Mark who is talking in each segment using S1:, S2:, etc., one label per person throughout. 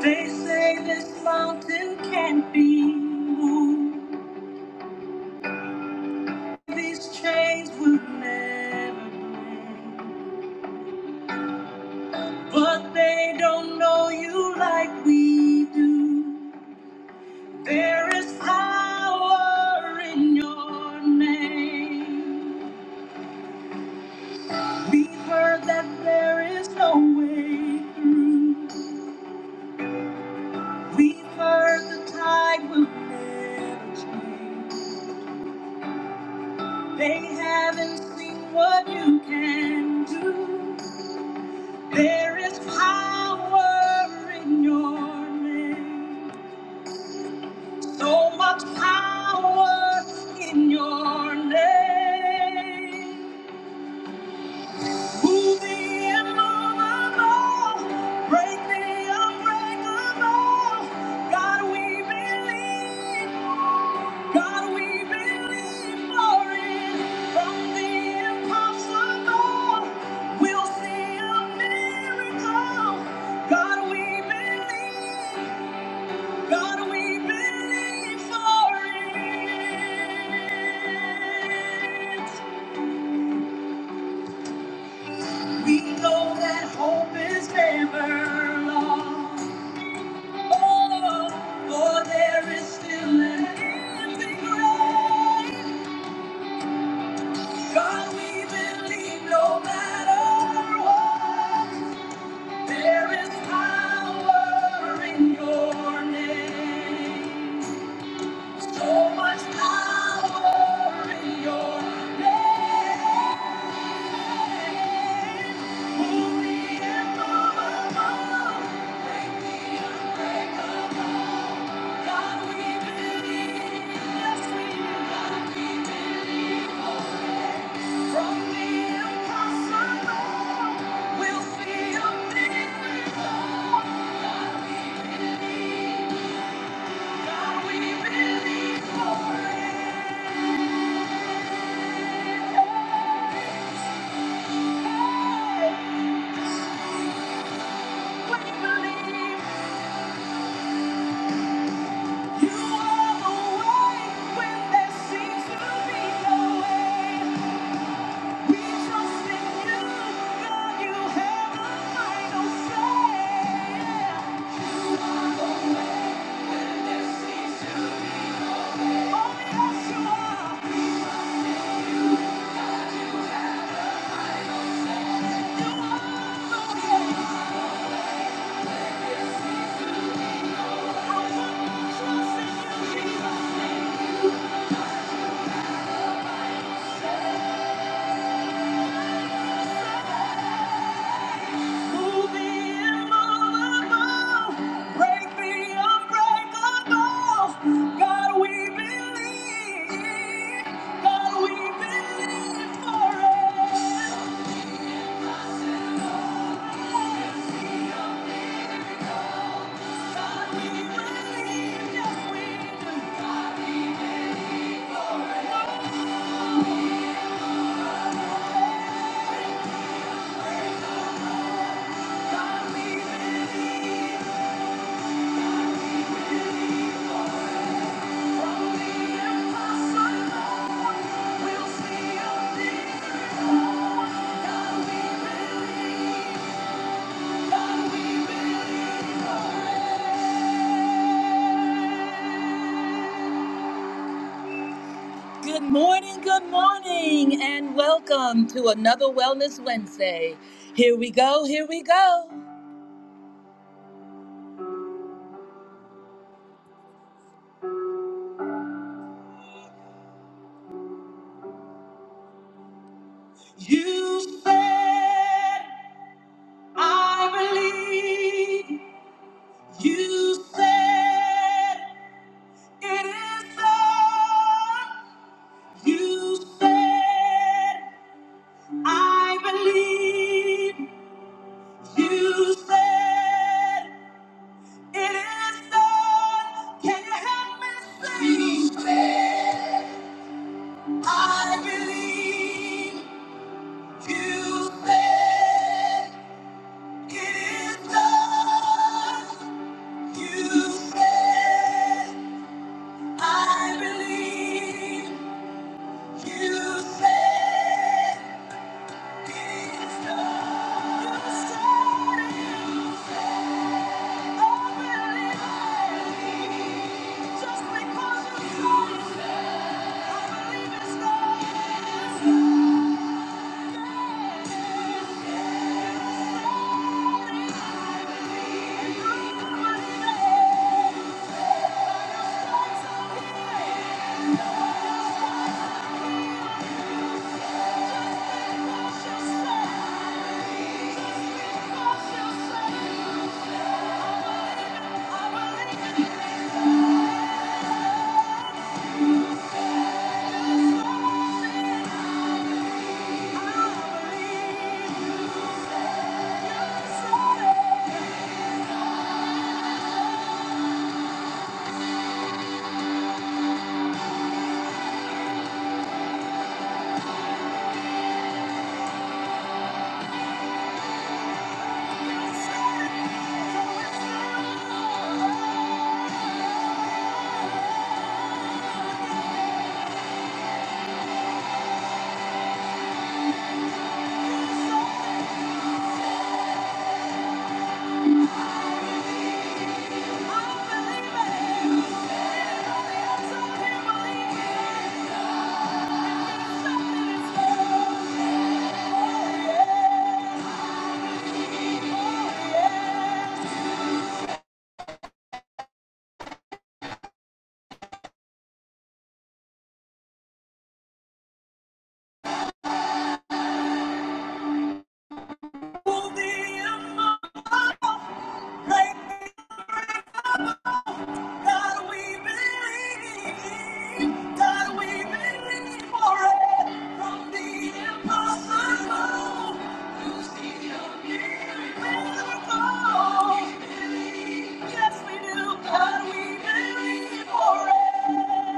S1: They say this mountain can't be moved. These chains will never break. But they don't know you like we do. There is power in your name. We've heard that there is no way through. We've heard the tide will never change. They haven't seen what you can do. There is power in your name. So much power in your name. Who the immovable, break the unbreakable. God, we believe. God, we believe for it. From the impossible, we'll see a miracle. God, we believe. God, we believe for it. We know that hope is never lost. Oh, for there is still an empty grave. God, we believe no matter what, there is power in your name. So much power in your name. We believe. You are the way when there seems to be no way. We trust in you, God, you have the final say. You are the way when there seems to be no way. Oh, yes, you are. We trust in you, God, you have the final say. You are the way. I put my trust in you, Jesus. God, we believe. Good morning, good morning, and welcome to another Wellness Wednesday. Here we go, here we go. You said, I believe. You said, it is so. You said, I believe. You said, it is so. Can you help me sing? You said. I believe you said it is done. You said, I believe you said it is done. You said it. I believe. I believe. I believe. Yes, we do. God, we believe for it.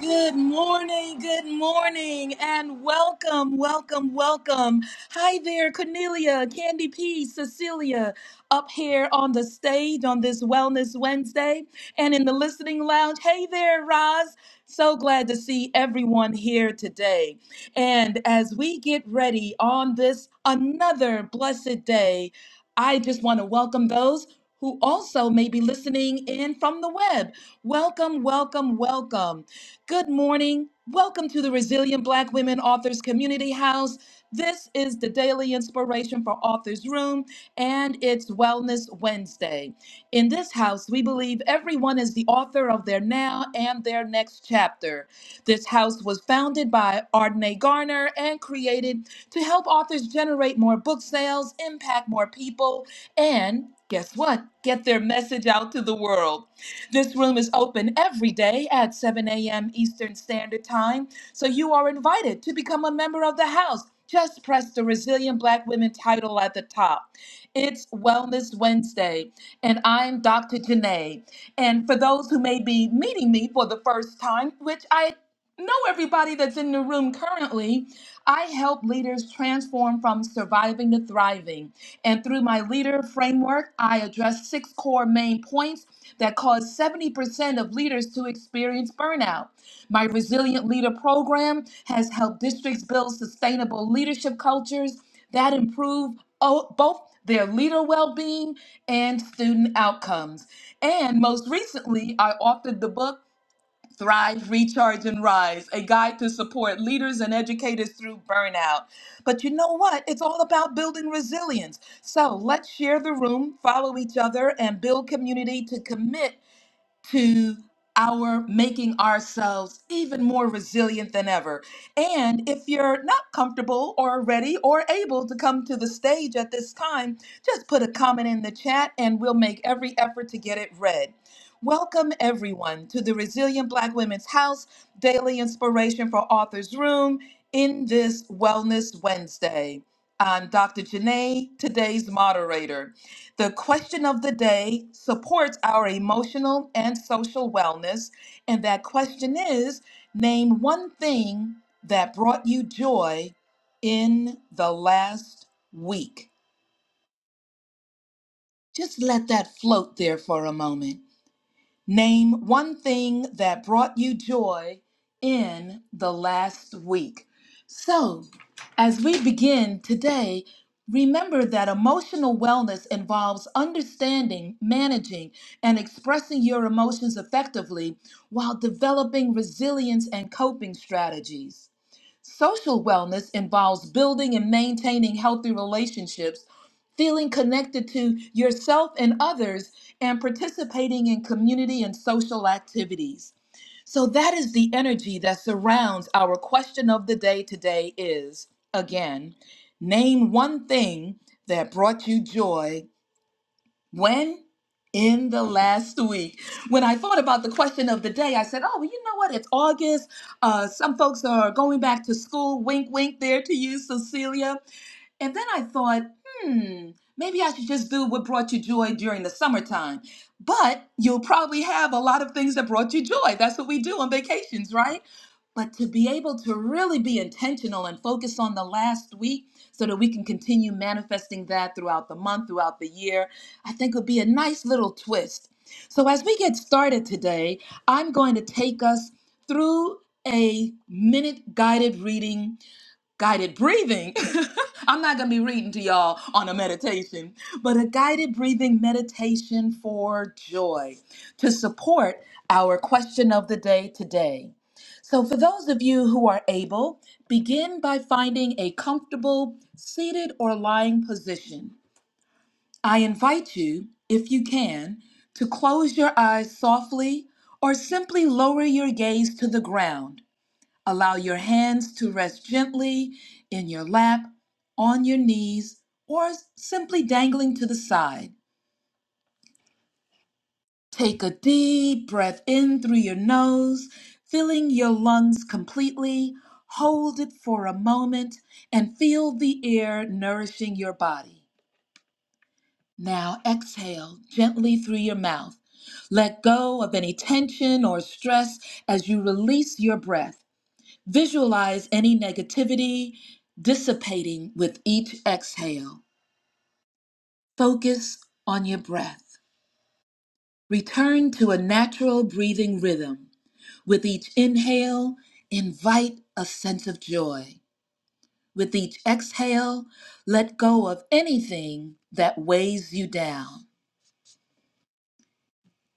S1: Good morning, good morning, and welcome, welcome, welcome. Hi there, Cornelia, Candy P, Cecilia, up here on the stage on this Wellness Wednesday and in the listening lounge. Hey there, Roz. So glad to see everyone here today. And as we get ready on this another blessed day, I just want to welcome those who also may be listening in from the web. Welcome, welcome, welcome. Good morning. Welcome to the Resilient Black Women Authors Community House. This is the daily inspiration for Authors Room, and it's Wellness Wednesday. In this house, we believe everyone is the author of their now and their next chapter. This house was founded by Ardenae Garner and created to help authors generate more book sales, impact more people, and guess what? Get their message out to the world. This room is open every day at 7 a.m. Eastern Standard Time, so you are invited to become a member of the house. Just press the Resilient Black Women title at the top. It's Wellness Wednesday, and I'm Dr. Janae. And for those who may be meeting me for the first time, which I know everybody that's in the room currently, I help leaders transform from surviving to thriving. And through my leader framework, I address six core main points that caused 70% of leaders to experience burnout. My Resilient Leader program has helped districts build sustainable leadership cultures that improve o- both their leader well being and student outcomes. And most recently, I authored the book. Thrive, Recharge, and Rise, a guide to support leaders and educators through burnout. But you know what? It's all about building resilience. So let's share the room, follow each other, and build community to commit to our making ourselves even more resilient than ever. And if you're not comfortable or ready or able to come to the stage at this time, just put a comment in the chat and we'll make every effort to get it read. Welcome, everyone, to the Resilient Black Women's House Daily Inspiration for Authors Room in this Wellness Wednesday. I'm Dr. Janae, today's moderator. The question of the day supports our emotional and social wellness. And that question is name one thing that brought you joy in the last week. Just let that float there for a moment. Name one thing that brought you joy in the last week. So, as we begin today, remember that emotional wellness involves understanding, managing, and expressing your emotions effectively while developing resilience and coping strategies. Social wellness involves building and maintaining healthy relationships, feeling connected to yourself and others, and participating in community and social activities. So that is the energy that surrounds our question of the day today is again, name one thing that brought you joy when? In the last week. When I thought about the question of the day, I said, oh, well, you know what? It's August. Uh, some folks are going back to school. Wink, wink there to you, Cecilia. And then I thought, hmm, maybe I should just do what brought you joy during the summertime. But you'll probably have a lot of things that brought you joy. That's what we do on vacations, right? But to be able to really be intentional and focus on the last week so that we can continue manifesting that throughout the month, throughout the year. I think would be a nice little twist. So, as we get started today, I'm going to take us through a minute guided reading, guided breathing. I'm not going to be reading to y'all on a meditation, but a guided breathing meditation for joy to support our question of the day today. So, for those of you who are able, begin by finding a comfortable seated or lying position. I invite you, if you can, to close your eyes softly or simply lower your gaze to the ground. Allow your hands to rest gently in your lap, on your knees, or simply dangling to the side. Take a deep breath in through your nose, filling your lungs completely. Hold it for a moment and feel the air nourishing your body. Now exhale gently through your mouth. Let go of any tension or stress as you release your breath. Visualize any negativity dissipating with each exhale. Focus on your breath. Return to a natural breathing rhythm. With each inhale, invite a sense of joy. With each exhale, let go of anything that weighs you down.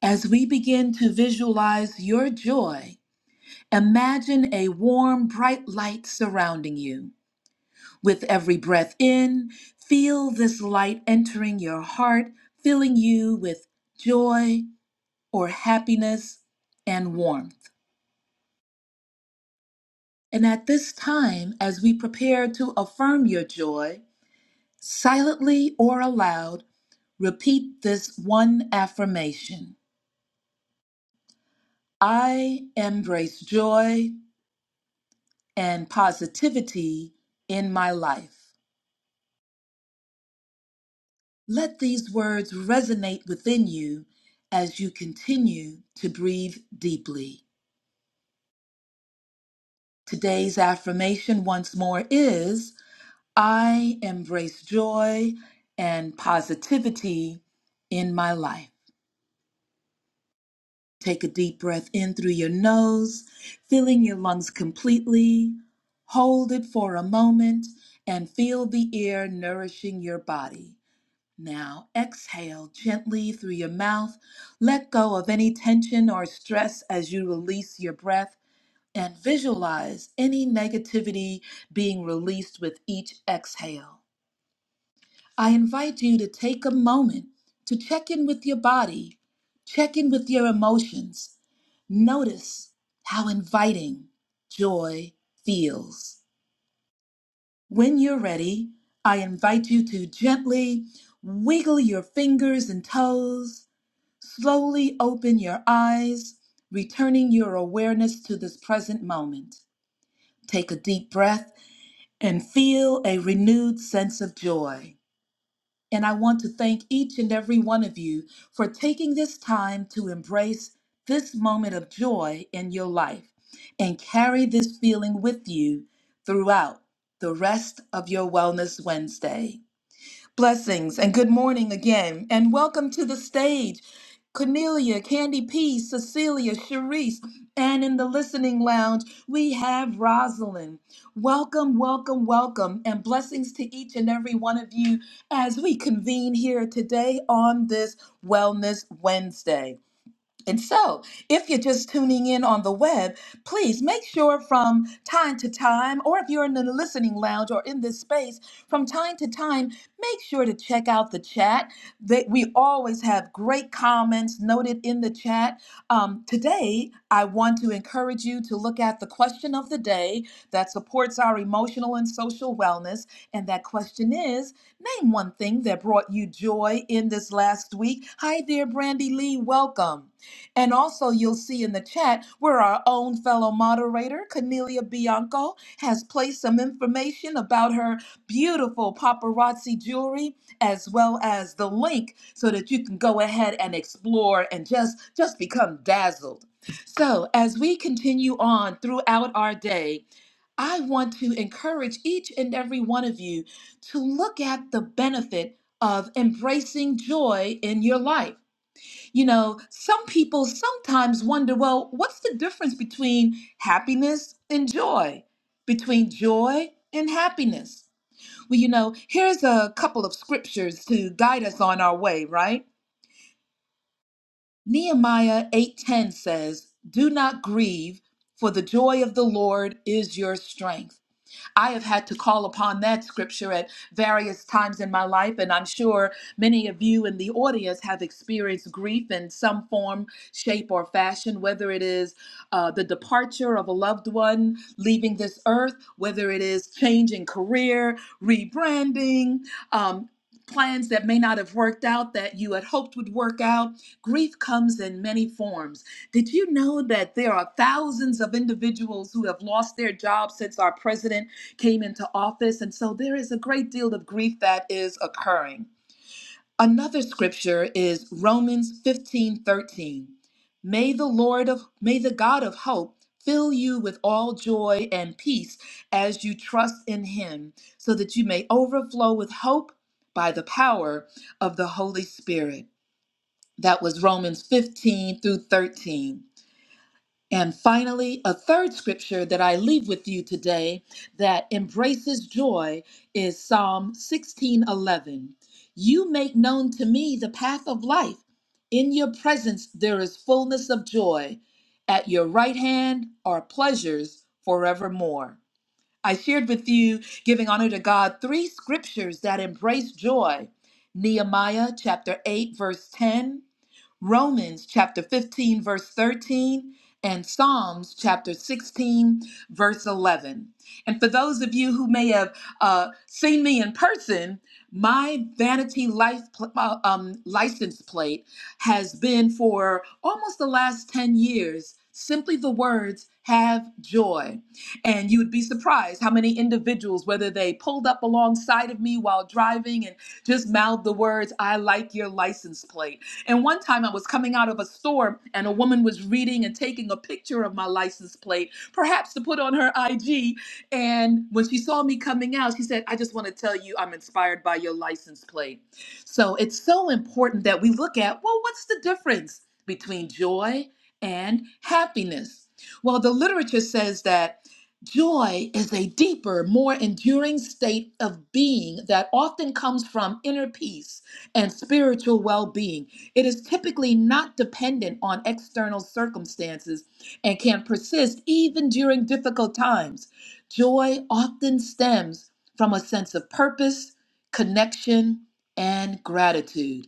S1: As we begin to visualize your joy, imagine a warm, bright light surrounding you. With every breath in, feel this light entering your heart, filling you with joy or happiness and warmth. And at this time, as we prepare to affirm your joy, silently or aloud, repeat this one affirmation I embrace joy. and positivity in my life. Let these words resonate within you as you continue to breathe deeply. Today's affirmation, once more, is I embrace joy and positivity in my life. Take a deep breath in through your nose, filling your lungs completely. Hold it for a moment and feel the air nourishing your body. Now exhale gently through your mouth. Let go of any tension or stress as you release your breath and visualize any negativity being released with each exhale. I invite you to take a moment to check in with your body, check in with your emotions. Notice how inviting joy feels. When you're ready, I invite you to gently wiggle your fingers and toes Slowly open your eyes, returning your awareness to this present moment. Take a deep breath and feel a renewed sense of joy. And I want to thank each and every one of you for taking this time to embrace this moment of joy in your life and carry this feeling with you throughout the rest of your Wellness Wednesday. Blessings and good morning again, and welcome to the stage. Cornelia, Candy P, Cecilia, Sharice, and in the listening lounge, we have Rosalind. Welcome, welcome, welcome, and blessings to each and every one of you as we convene here today on this Wellness Wednesday. And so, if you're just tuning in on the web, please make sure from time to time, or if you're in the listening lounge or in this space, from time to time, make sure to check out the chat. That we always have great comments noted in the chat. Um, today, I want to encourage you to look at the question of the day that supports our emotional and social wellness. And that question is Name one thing that brought you joy in this last week. Hi there, Brandy Lee. Welcome. And also, you'll see in the chat where our own fellow moderator, Cornelia Bianco, has placed some information about her beautiful paparazzi jewelry as well as the link so that you can go ahead and explore and just just become dazzled. So, as we continue on throughout our day, I want to encourage each and every one of you to look at the benefit of embracing joy in your life. You know, some people sometimes wonder well, what's the difference between happiness and joy? Between joy and happiness? Well, you know, here's a couple of scriptures to guide us on our way, right? Nehemiah 8:10 says, "Do not grieve, for the joy of the Lord is your strength." I have had to call upon that scripture at various times in my life, and I'm sure many of you in the audience have experienced grief in some form, shape, or fashion, whether it is uh, the departure of a loved one leaving this earth, whether it is changing career, rebranding, um, plans that may not have worked out that you had hoped would work out. Grief comes in many forms. Did you know that there are thousands of individuals who have lost their jobs since our president? came into office. And so there is a great deal of grief that is occurring. Another scripture is Romans 15 13. May the Lord of, may the God of hope fill you with all joy and peace as you trust in him, so that you may overflow with hope by the power of the Holy Spirit. That was Romans 15 through 13. And finally, a third scripture that I leave with you today that embraces joy is Psalm 16:11. You make known to me the path of life. In your presence there is fullness of joy. At your right hand are pleasures forevermore. I shared with you, giving honor to God, three scriptures that embrace joy. Nehemiah chapter 8, verse 10, Romans chapter 15, verse 13, and Psalms chapter 16, verse 11. And for those of you who may have uh, seen me in person, my vanity life pl- uh, um, license plate has been for almost the last 10 years simply the words have joy and you would be surprised how many individuals whether they pulled up alongside of me while driving and just mouthed the words i like your license plate and one time I was coming out of a store and a woman was reading and taking a picture of my license plate, perhaps to put on her IG. And when she saw me coming out, she said, I just want to tell you I'm inspired by your license plate. So it's so important that we look at, well, what's the difference between joy and happiness? Well, the literature says that Joy is a deeper, more enduring state of being that often comes from inner peace and spiritual well being. It is typically not dependent on external circumstances and can persist even during difficult times. Joy often stems from a sense of purpose, connection, and gratitude.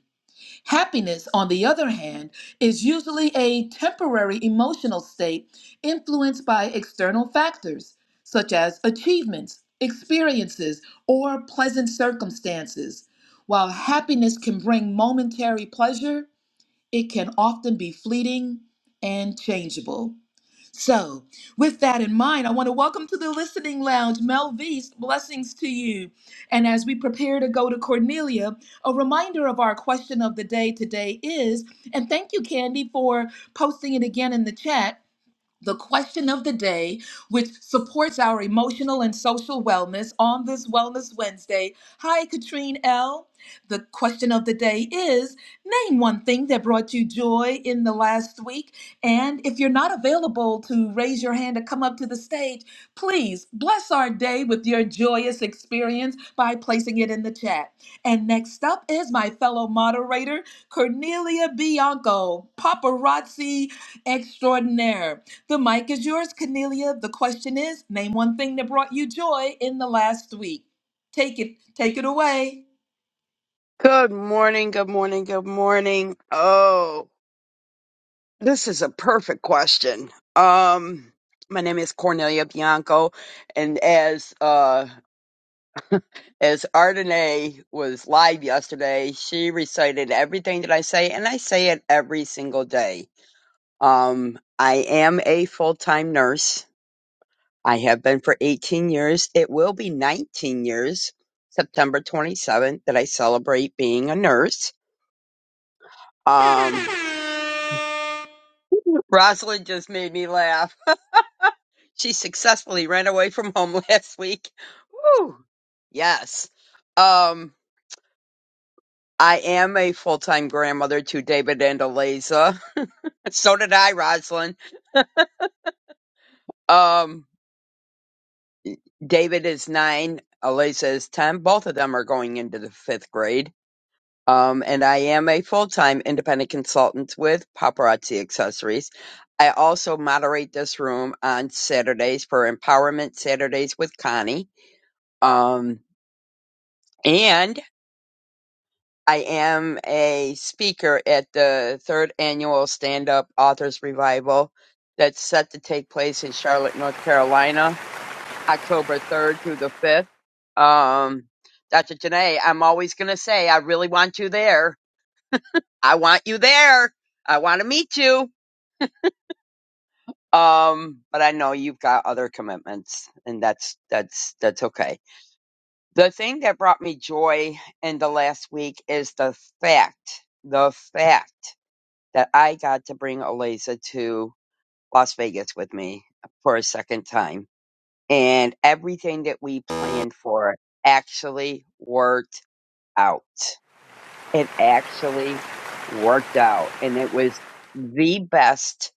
S1: Happiness, on the other hand, is usually a temporary emotional state influenced by external factors, such as achievements, experiences, or pleasant circumstances. While happiness can bring momentary pleasure, it can often be fleeting and changeable. So, with that in mind, I want to welcome to the listening lounge Melvise. Blessings to you. And as we prepare to go to Cornelia, a reminder of our question of the day today is, and thank you, Candy, for posting it again in the chat the question of the day, which supports our emotional and social wellness on this Wellness Wednesday. Hi, Katrine L. The question of the day is Name one thing that brought you joy in the last week. And if you're not available to raise your hand to come up to the stage, please bless our day with your joyous experience by placing it in the chat. And next up is my fellow moderator, Cornelia Bianco, paparazzi extraordinaire. The mic is yours, Cornelia. The question is, name one thing that brought you joy in the last week. Take it, take it away.
S2: Good morning, good morning, good morning. Oh, this is a perfect question. Um, my name is Cornelia Bianco, and as uh as Ardenae was live yesterday, she recited everything that I say, and I say it every single day. Um, I am a full time nurse. I have been for 18 years. It will be 19 years, September 27th, that I celebrate being a nurse. Um, Rosalind just made me laugh. She successfully ran away from home last week. Woo! Yes. Um, I am a full-time grandmother to David and Eliza. So did I, Rosalind. Um, David is nine, Eliza is ten. Both of them are going into the fifth grade. Um, and I am a full-time independent consultant with Paparazzi Accessories. I also moderate this room on Saturdays for Empowerment Saturdays with Connie Um, and I am a speaker at the third annual Stand Up Authors Revival that's set to take place in Charlotte, North Carolina, October 3rd through the 5th. Um, Dr. Janae, I'm always going to say, I really want you there. I want you there. I want to meet you. Um, but I know you've got other commitments and that's, that's, that's okay The thing that brought me joy in the last week is the fact, the fact that I got to bring Eliza to Las Vegas with me for a second time. And everything that we planned for actually worked out. It actually worked out. And it was the best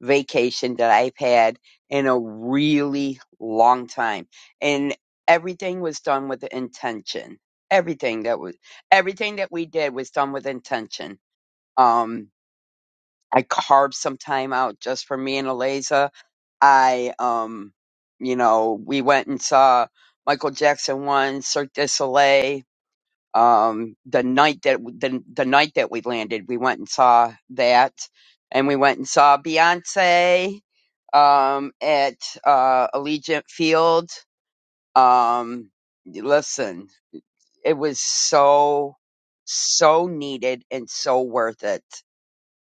S2: vacation that I've had in a really long time. And everything was done with intention. Everything that was everything that we did was done with intention. Um I carved some time out just for me and Eliza. I um you know, we went and saw Michael Jackson once, Cirque du Soleil um the night that the, the night that we landed we went and saw that and we went and saw beyonce um at uh allegiant field um listen it was so so needed and so worth it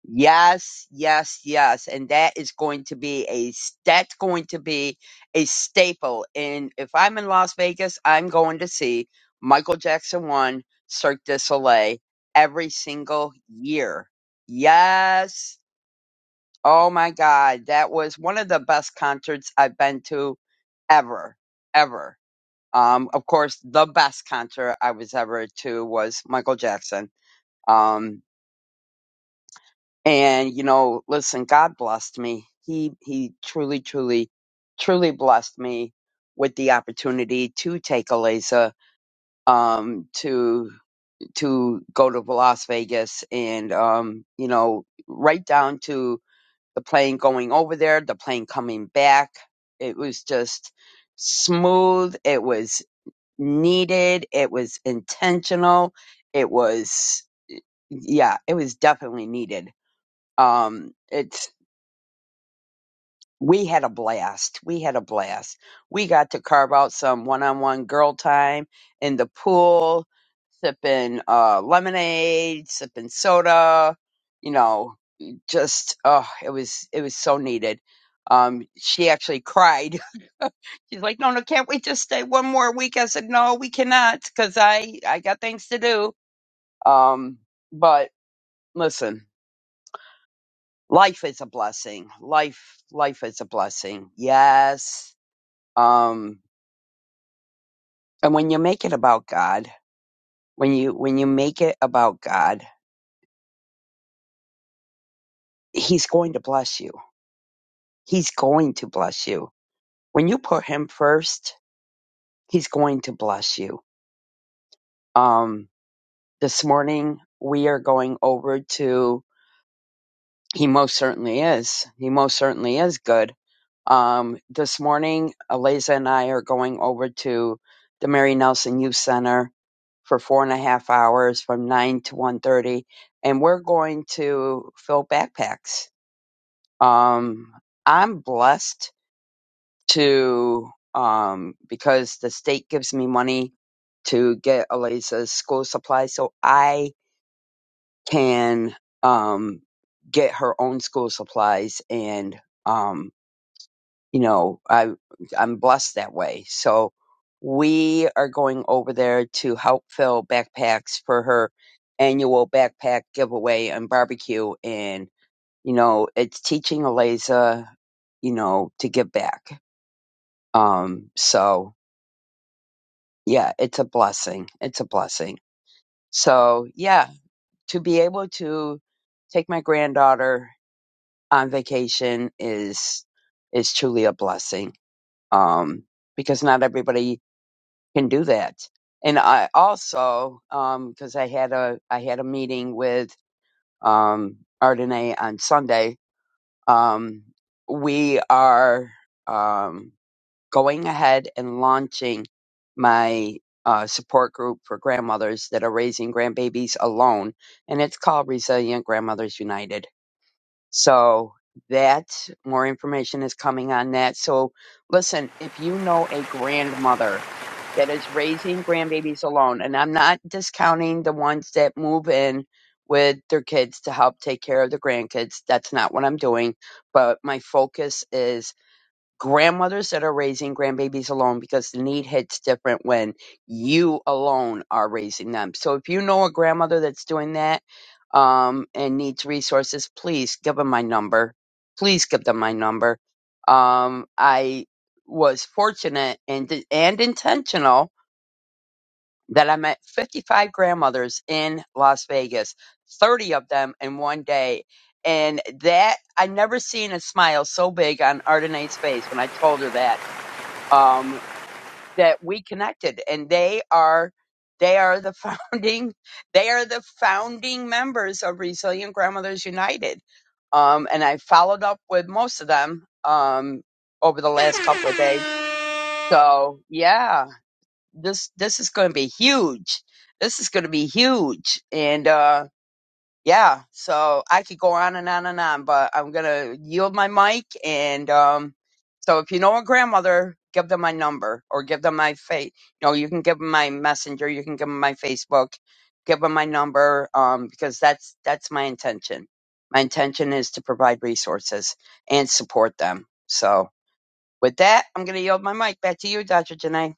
S2: Yes, yes, yes. And that is going to be a that's going to be a staple. And if I'm in Las Vegas, I'm going to see Michael Jackson 1 Cirque du Soleil every single year. Yes. Oh my god, that was one of the best concerts I've been to ever, ever. Um of course, the best concert I was ever to was Michael Jackson. Um and you know listen god blessed me he he truly truly truly blessed me with the opportunity to take a laser um to to go to las vegas and um you know right down to the plane going over there the plane coming back it was just smooth it was needed it was intentional it was yeah it was definitely needed um it's we had a blast. We had a blast. We got to carve out some one-on-one girl time in the pool, sipping uh, lemonade, sipping soda. You know, just oh, it was it was so needed. Um, she actually cried. She's like, "No, no, can't we just stay one more week?" I said, "No, we cannot, because I I got things to do." Um, but listen, life is a blessing. Life, life is a blessing. Yes um, and when you make it about God, when you when you make it about God, He's going to bless you. He's going to bless you. When you put Him first, He's going to bless you. Um, this morning we are going over to He most certainly is. He most certainly is good Um, this morning, Eliza and I are going over to the Mary Nelson Youth Center for four and a half hours from nine to one thirty, and we're going to fill backpacks. Um, I'm blessed to um, because the state gives me money to get Eliza's school supplies, so I can um, get her own school supplies and. Um, you know, I I'm blessed that way. So we are going over there to help fill backpacks for her annual backpack giveaway and barbecue and you know, it's teaching Eliza, you know, to give back. Um so yeah, it's a blessing. It's a blessing. So yeah, to be able to take my granddaughter on vacation is is truly a blessing. Um because not everybody can do that. And I also, because I had a I had a meeting with um, Ardenay on Sunday. Um, we are um, going ahead and launching my uh, support group for grandmothers that are raising grandbabies alone, and it's called Resilient Grandmothers United so that more information is coming on that. So listen, if you know a grandmother that is raising grandbabies alone, and I'm not discounting the ones that move in with their kids to help take care of the grandkids. That's not what I'm doing. But my focus is grandmothers that are raising grandbabies alone because the need hits different when you alone are raising them. So if you know a grandmother that's doing that um, and needs resources, please give them my number. Please give them my number. Um, I was fortunate and and intentional that I met 55 grandmothers in Las Vegas, 30 of them in one day. And that I never seen a smile so big on Ardenae's face when I told her that um, that we connected and they are they are the founding they are the founding members of resilient grandmothers united um, and i followed up with most of them um, over the last couple of days so yeah this this is going to be huge this is going to be huge and uh, yeah, so I could go on and on and on, but I'm gonna yield my mic. And um, so if you know a grandmother, give them my number or give them my face. You know, you can give them my messenger, you can give them my Facebook, give them my number, um, because that's that's my intention. My intention is to provide resources and support them. So with that, I'm gonna yield my mic back to you, Dr. Janae.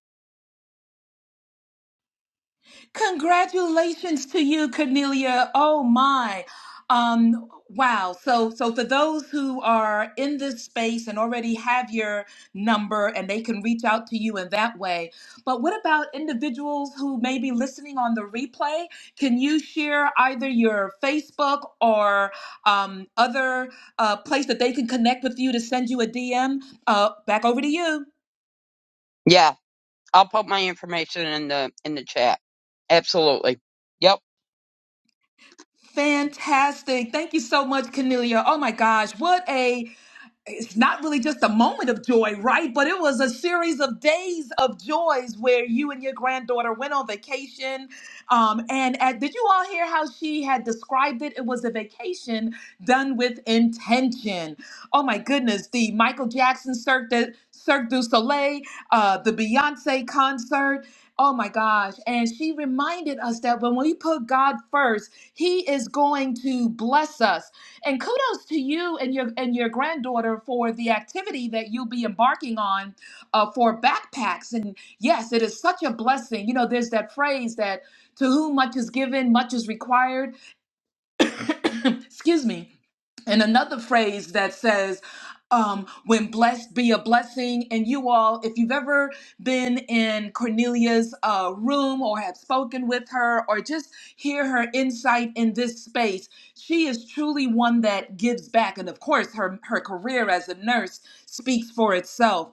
S1: Congratulations to you, Cornelia. Oh my. Um, wow. So so for those who are in this space and already have your number and they can reach out to you in that way. But what about individuals who may be listening on the replay? Can you share either your Facebook or um, other uh, place that they can connect with you to send you a DM? Uh, back over to you.
S2: Yeah, I'll put my information in the in the chat. Absolutely. Yep.
S1: Fantastic. Thank you so much, Cornelia. Oh my gosh, what a it's not really just a moment of joy, right? But it was a series of days of joys where you and your granddaughter went on vacation. Um, and at, did you all hear how she had described it? It was a vacation done with intention. Oh my goodness, the Michael Jackson Cirque, du- Cirque du Soleil, uh, the Beyonce concert. Oh my gosh. And she reminded us that when we put God first, He is going to bless us. And kudos to you and your and your granddaughter for the activity that you'll be embarking on uh, for backpacks. And yes, it is such a blessing. You know, there's that phrase that to whom much is given, much is required excuse me, and another phrase that says, um, when blessed be a blessing. And you all, if you've ever been in Cornelia's uh, room or have spoken with her or just hear her insight in this space, she is truly one that gives back. And of course, her, her career as a nurse speaks for itself.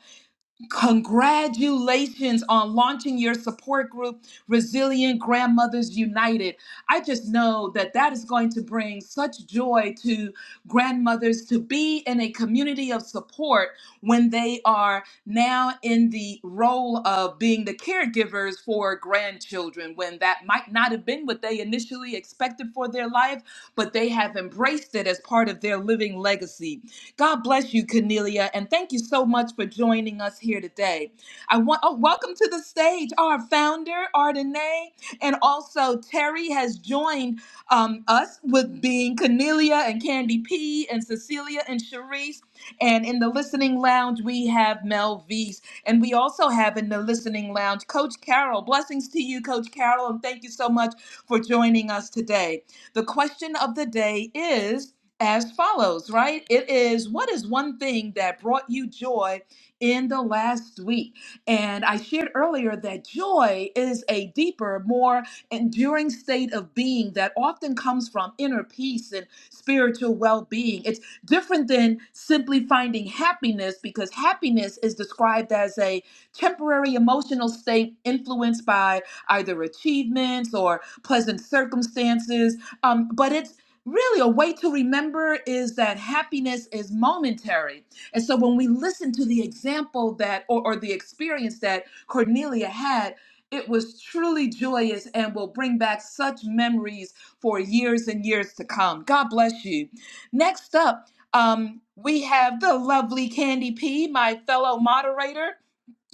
S1: Congratulations on launching your support group, Resilient Grandmothers United. I just know that that is going to bring such joy to grandmothers to be in a community of support when they are now in the role of being the caregivers for grandchildren, when that might not have been what they initially expected for their life, but they have embraced it as part of their living legacy. God bless you, Cornelia, and thank you so much for joining us here today. I want oh, welcome to the stage our founder Ardenay, and also Terry has joined um, us with being Cornelia and Candy P and Cecilia and Sharice. And in the listening lounge, we have Mel Vees. And we also have in the listening lounge Coach Carol. Blessings to you, Coach Carol, and thank you so much for joining us today. The question of the day is as follows, right? It is what is one thing that brought you joy in the last week? And I shared earlier that joy is a deeper, more enduring state of being that often comes from inner peace and spiritual well being. It's different than simply finding happiness because happiness is described as a temporary emotional state influenced by either achievements or pleasant circumstances um, but it's Really, a way to remember is that happiness is momentary. And so when we listen to the example that, or, or the experience that Cornelia had, it was truly joyous and will bring back such memories for years and years to come. God bless you. Next up, um, we have the lovely Candy P, my fellow moderator.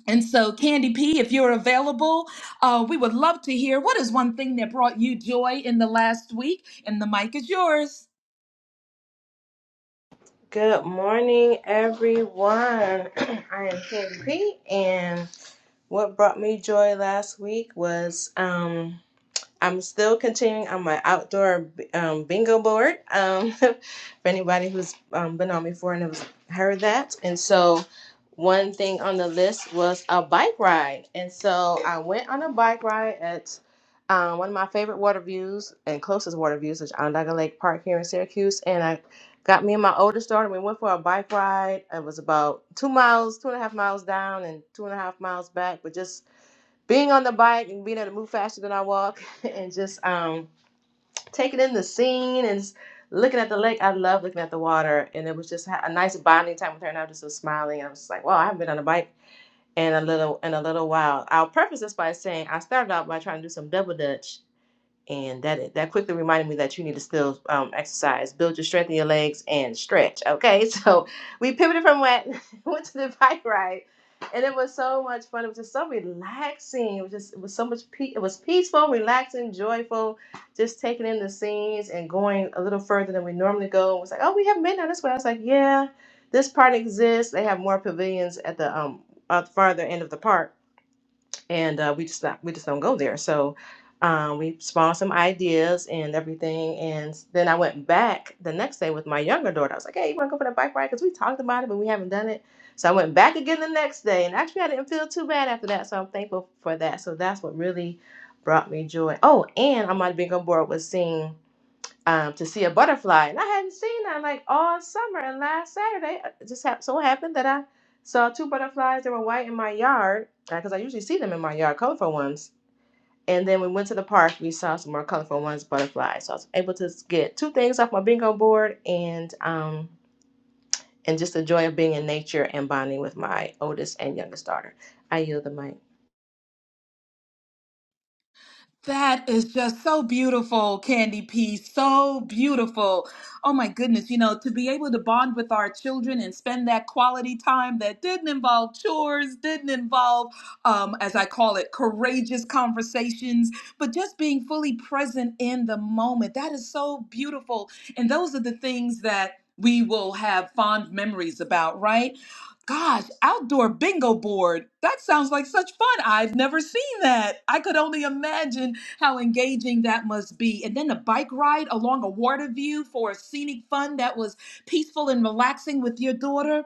S1: And so, Candy P, if you're available, uh, we would love to hear what is one thing that brought you joy in the last week. And the mic is yours.
S3: Good morning, everyone. I am Candy P, and what brought me joy last week was um, I'm still continuing on my outdoor um, bingo board um, for anybody who's um, been on before and has heard that. And so, one thing on the list was a bike ride. And so, I went on a bike ride at um, one of my favorite water views and closest water views, which is Onondaga Lake Park here in Syracuse. And I got me and my oldest daughter, we went for a bike ride. It was about two miles, two and a half miles down, and two and a half miles back, but just being on the bike and being able to move faster than I walk and just um, taking in the scene and s- looking at the lake. I love looking at the water, and it was just ha- a nice bonding time with her. And I was just so smiling. I was just like, "Wow, I haven't been on a bike in a little in a little while." I'll preface this by saying I started out by trying to do some double dutch and that that quickly reminded me that you need to still um, exercise, build your strength in your legs, and stretch. Okay, so we pivoted from wet, went to the bike ride, and it was so much fun. It was just so relaxing. It was just it was so much pe- it was peaceful, relaxing, joyful, just taking in the scenes and going a little further than we normally go. It was like, oh, we haven't been down this way. I was like, yeah, this part exists. They have more pavilions at the um at the farther end of the park and uh, we just not, we just don't go there. So um, we spawned some ideas and everything, and then I went back the next day with my younger daughter. I was like, "Hey, you want to go for the bike ride? Because we talked about it, but we haven't done it." So I went back again the next day, and actually I didn't feel too bad after that. So I'm thankful for that. So that's what really brought me joy. Oh, and I might have been on board with seeing um, to see a butterfly, and I hadn't seen that like all summer. And last Saturday, uh, it just hap so happened that I saw two butterflies that were white in my yard because I usually see them in my yard, colorful ones. And then we went to the park. We saw some more colorful ones, butterflies. So I was able to get two things off my bingo board and um, and just the joy of being in nature and bonding with my oldest and youngest daughter. I yield the mic.
S1: That is just so beautiful, Candy P. So beautiful. Oh my goodness, you know, to be able to bond with our children and spend that quality time that didn't involve chores, didn't involve, um, as I call it, courageous conversations, but just being fully present in the moment. That is so beautiful. And those are the things that we will have fond memories about, right? Gosh, outdoor bingo board. That sounds like such fun. I've never seen that. I could only imagine how engaging that must be. And then the bike ride along a water view for a scenic fun that was peaceful and relaxing with your daughter.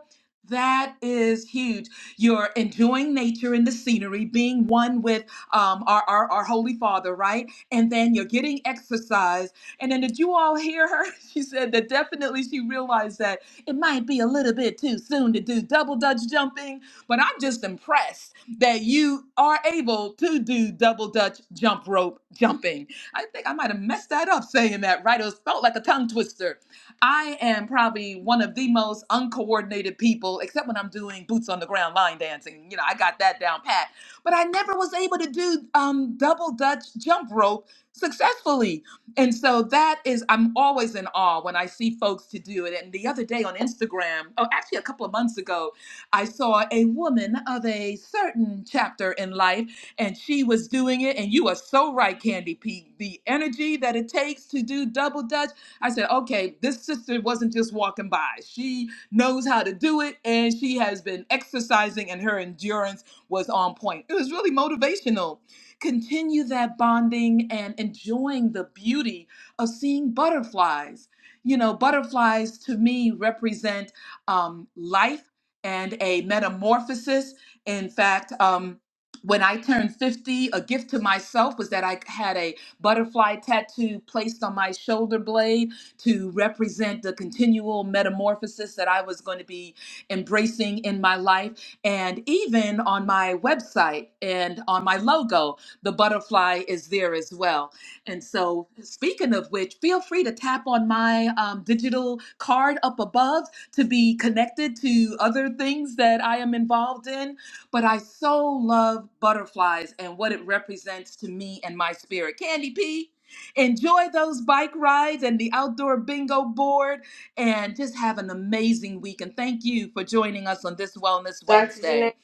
S1: That is huge. You're enjoying nature and the scenery, being one with um, our, our, our Holy Father, right? And then you're getting exercise. And then did you all hear her? She said that definitely she realized that. It might be a little bit too soon to do double dutch jumping, but I'm just impressed that you are able to do double dutch jump rope jumping. I think I might have messed that up saying that, right? It was, felt like a tongue twister. I am probably one of the most uncoordinated people, except when I'm doing boots on the ground line dancing. You know, I got that down pat. But I never was able to do um, double dutch jump rope successfully and so that is, I'm always in awe when I see folks to do it. And the other day on Instagram, oh, actually a couple of months ago, I saw a woman of a certain chapter in life, and she was doing it. And you are so right, Candy P. The energy that it takes to do double dutch. I said, okay, this sister wasn't just walking by. She knows how to do it, and she has been exercising, and her endurance was on point. It was really motivational Continue that bonding and enjoying the beauty of seeing butterflies. You know, butterflies to me represent um, life and a metamorphosis. In fact, um, when I turned 50, a gift to myself was that I had a butterfly tattoo placed on my shoulder blade to represent the continual metamorphosis that I was going to be embracing in my life and even on my website and on my logo the butterfly is there as well. And so, speaking of which, feel free to tap on my um, digital card up above to be connected to other things that I am involved in. But I so love butterflies and what it represents to me and my spirit. Candy P. Enjoy those bike rides and the outdoor bingo board and just have an amazing week. And thank you for joining us on this Wellness
S3: Dr. Janae,
S1: Wednesday.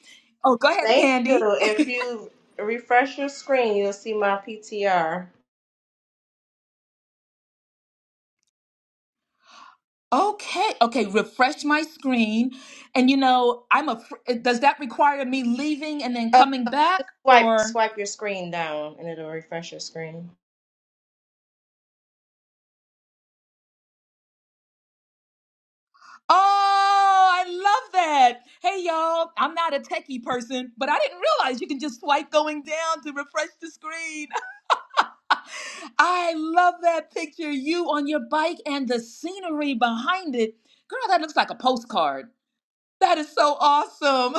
S1: Oh, go ahead,
S3: thank you.
S1: Candy.
S3: If you refresh your screen, you'll see my PTR.
S1: Okay, okay, refresh my screen. And you know, I'm a fr- eh, does that require me leaving and then coming back
S3: Just swipe
S1: or
S3: swipe your screen down and it'll refresh your screen.
S1: Oh, I love that. Hey y'all, I'm not a techie person, but I didn't realize you can just swipe going down to refresh the screen. I love that picture you on your bike and the scenery behind it. Girl, that looks like a postcard. That is so awesome.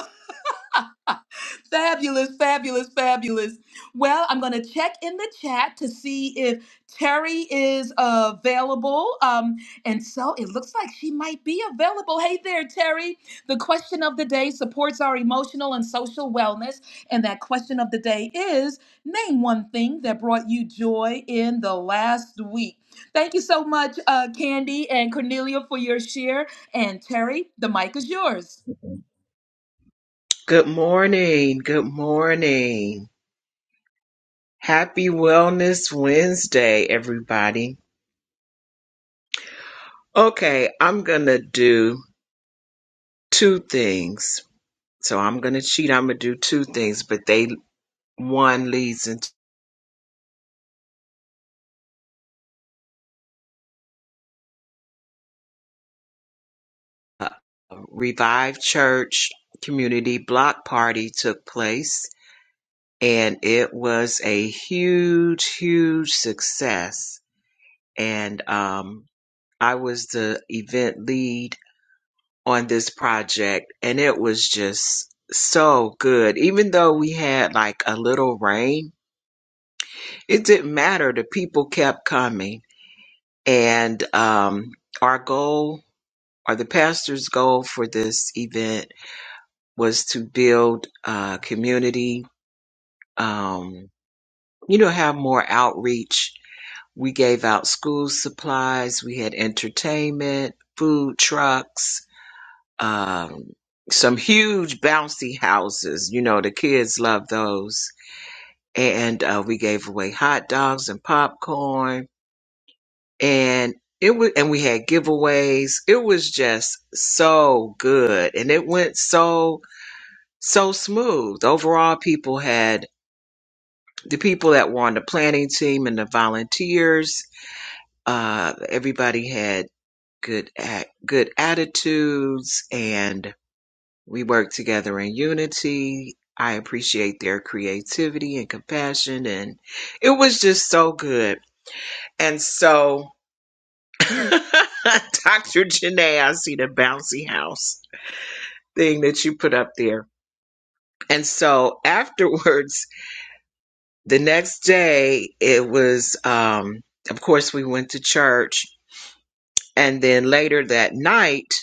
S1: fabulous, fabulous, fabulous. Well, I'm going to check in the chat to see if Terry is available. Um, and so it looks like she might be available. Hey there, Terry. The question of the day supports our emotional and social wellness. And that question of the day is name one thing that brought you joy in the last week. Thank you so much, uh, Candy and Cornelia, for your share. And Terry, the mic is yours.
S4: Good morning. Good morning. Happy Wellness Wednesday, everybody. Okay, I'm going to do two things. So I'm going to cheat. I'm going to do two things, but they one leads into a revived church community block party took place and it was a huge huge success and um I was the event lead on this project and it was just so good. Even though we had like a little rain, it didn't matter. The people kept coming. And um, our goal, or the pastor's goal for this event, was to build uh, community, um, you know, have more outreach. We gave out school supplies, we had entertainment, food trucks, um, some huge bouncy houses. You know, the kids love those. And uh, we gave away hot dogs and popcorn, and it was, and we had giveaways. It was just so good, and it went so so smooth. Overall, people had the people that were on the planning team and the volunteers. Uh, everybody had good at, good attitudes and We work together in unity. I appreciate their creativity and compassion, and it was just so good. And so, Dr. Janae, I see the bouncy house thing that you put up there. And so, afterwards, the next day, it was, um, of course, we went to church. And then later that night,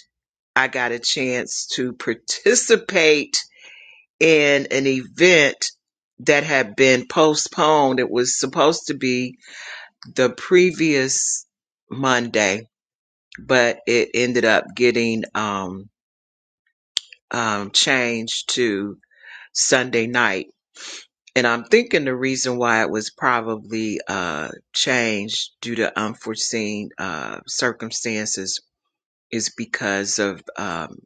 S4: I got a chance to participate in an event that had been postponed. It was supposed to be the previous Monday, but it ended up getting um, um, changed to Sunday night. And I'm thinking the reason why it was probably uh, changed due to unforeseen uh, circumstances is because of, um,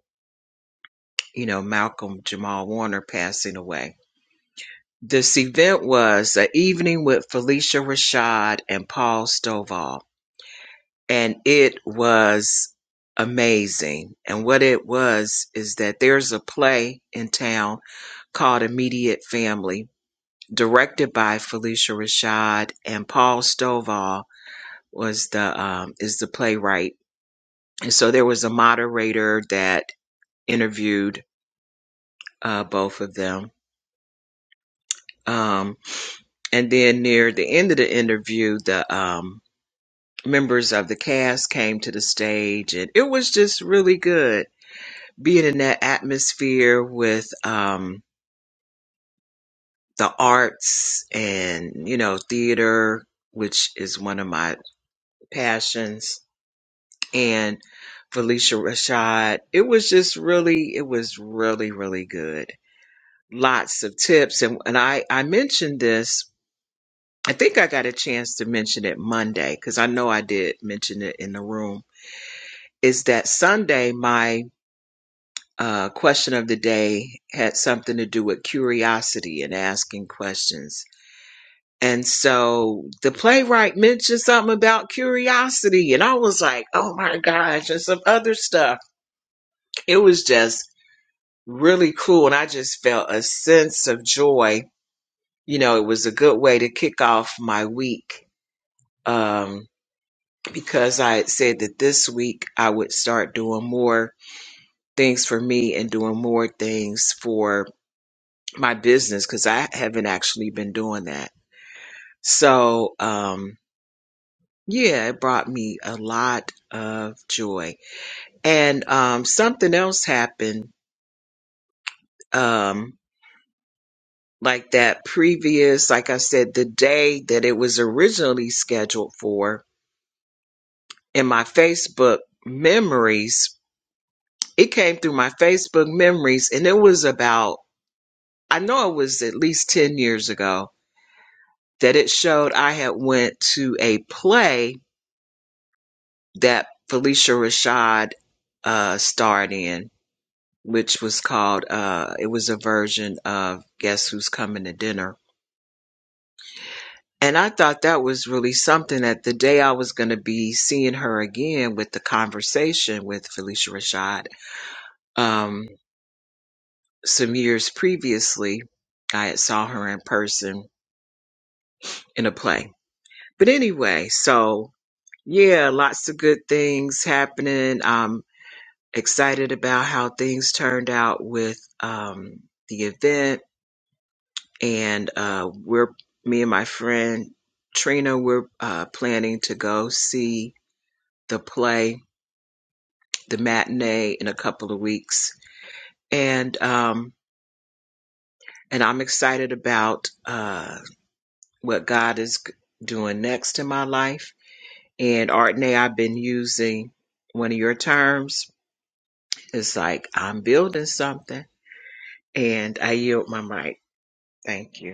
S4: you know, Malcolm Jamal Warner passing away This event was "An Evening with Felicia Rashad and Paul Stovall," and it was amazing. And what it was is that there's a play in town called Immediate Family, directed by Felicia Rashad and Paul Stovall was the um, is the playwright. And so there was a moderator that interviewed uh, both of them. Um, and then near the end of the interview, the um, members of the cast came to the stage and it was just really good being in that atmosphere with um the arts and you know theater which is one of my passions and Felicia Rashad it was just really it was really really good lots of tips and and I I mentioned this I think I got a chance to mention it Monday cuz I know I did mention it in the room is that Sunday my uh, question of the day had something to do with curiosity and asking questions. And so the playwright mentioned something about curiosity, and I was like, oh my gosh, and some other stuff. It was just really cool. And I just felt a sense of joy. You know, it was a good way to kick off my week um, because I had said that this week I would start doing more things for me and doing more things for my business because I haven't actually been doing that. So, um, yeah, it brought me a lot of joy. And um, something else happened, um, like that previous, like I said, the day that it was originally scheduled for in my Facebook memories, it came through my Facebook memories, and it was about, I know it was at least 10 years ago that it showed I had went to a play that Felicia Rashad uh, starred in, which was called, uh, it was a version of Guess Who's Coming to Dinner. And I thought that was really something that the day I was going to be seeing her again with the conversation with Felicia Rashad, um, some years previously, I had saw her in person in a play. But anyway, so yeah, lots of good things happening. Um, excited about how things turned out with um, the event, and uh, we're me and my friend Trina. We're uh, planning to go see the play, the matinee, in a couple of weeks, and um, and I'm excited about uh, what God is g- doing next in my life. And Artney, I've been using one of your terms. It's like I'm building something, and I yield my mic. Thank you.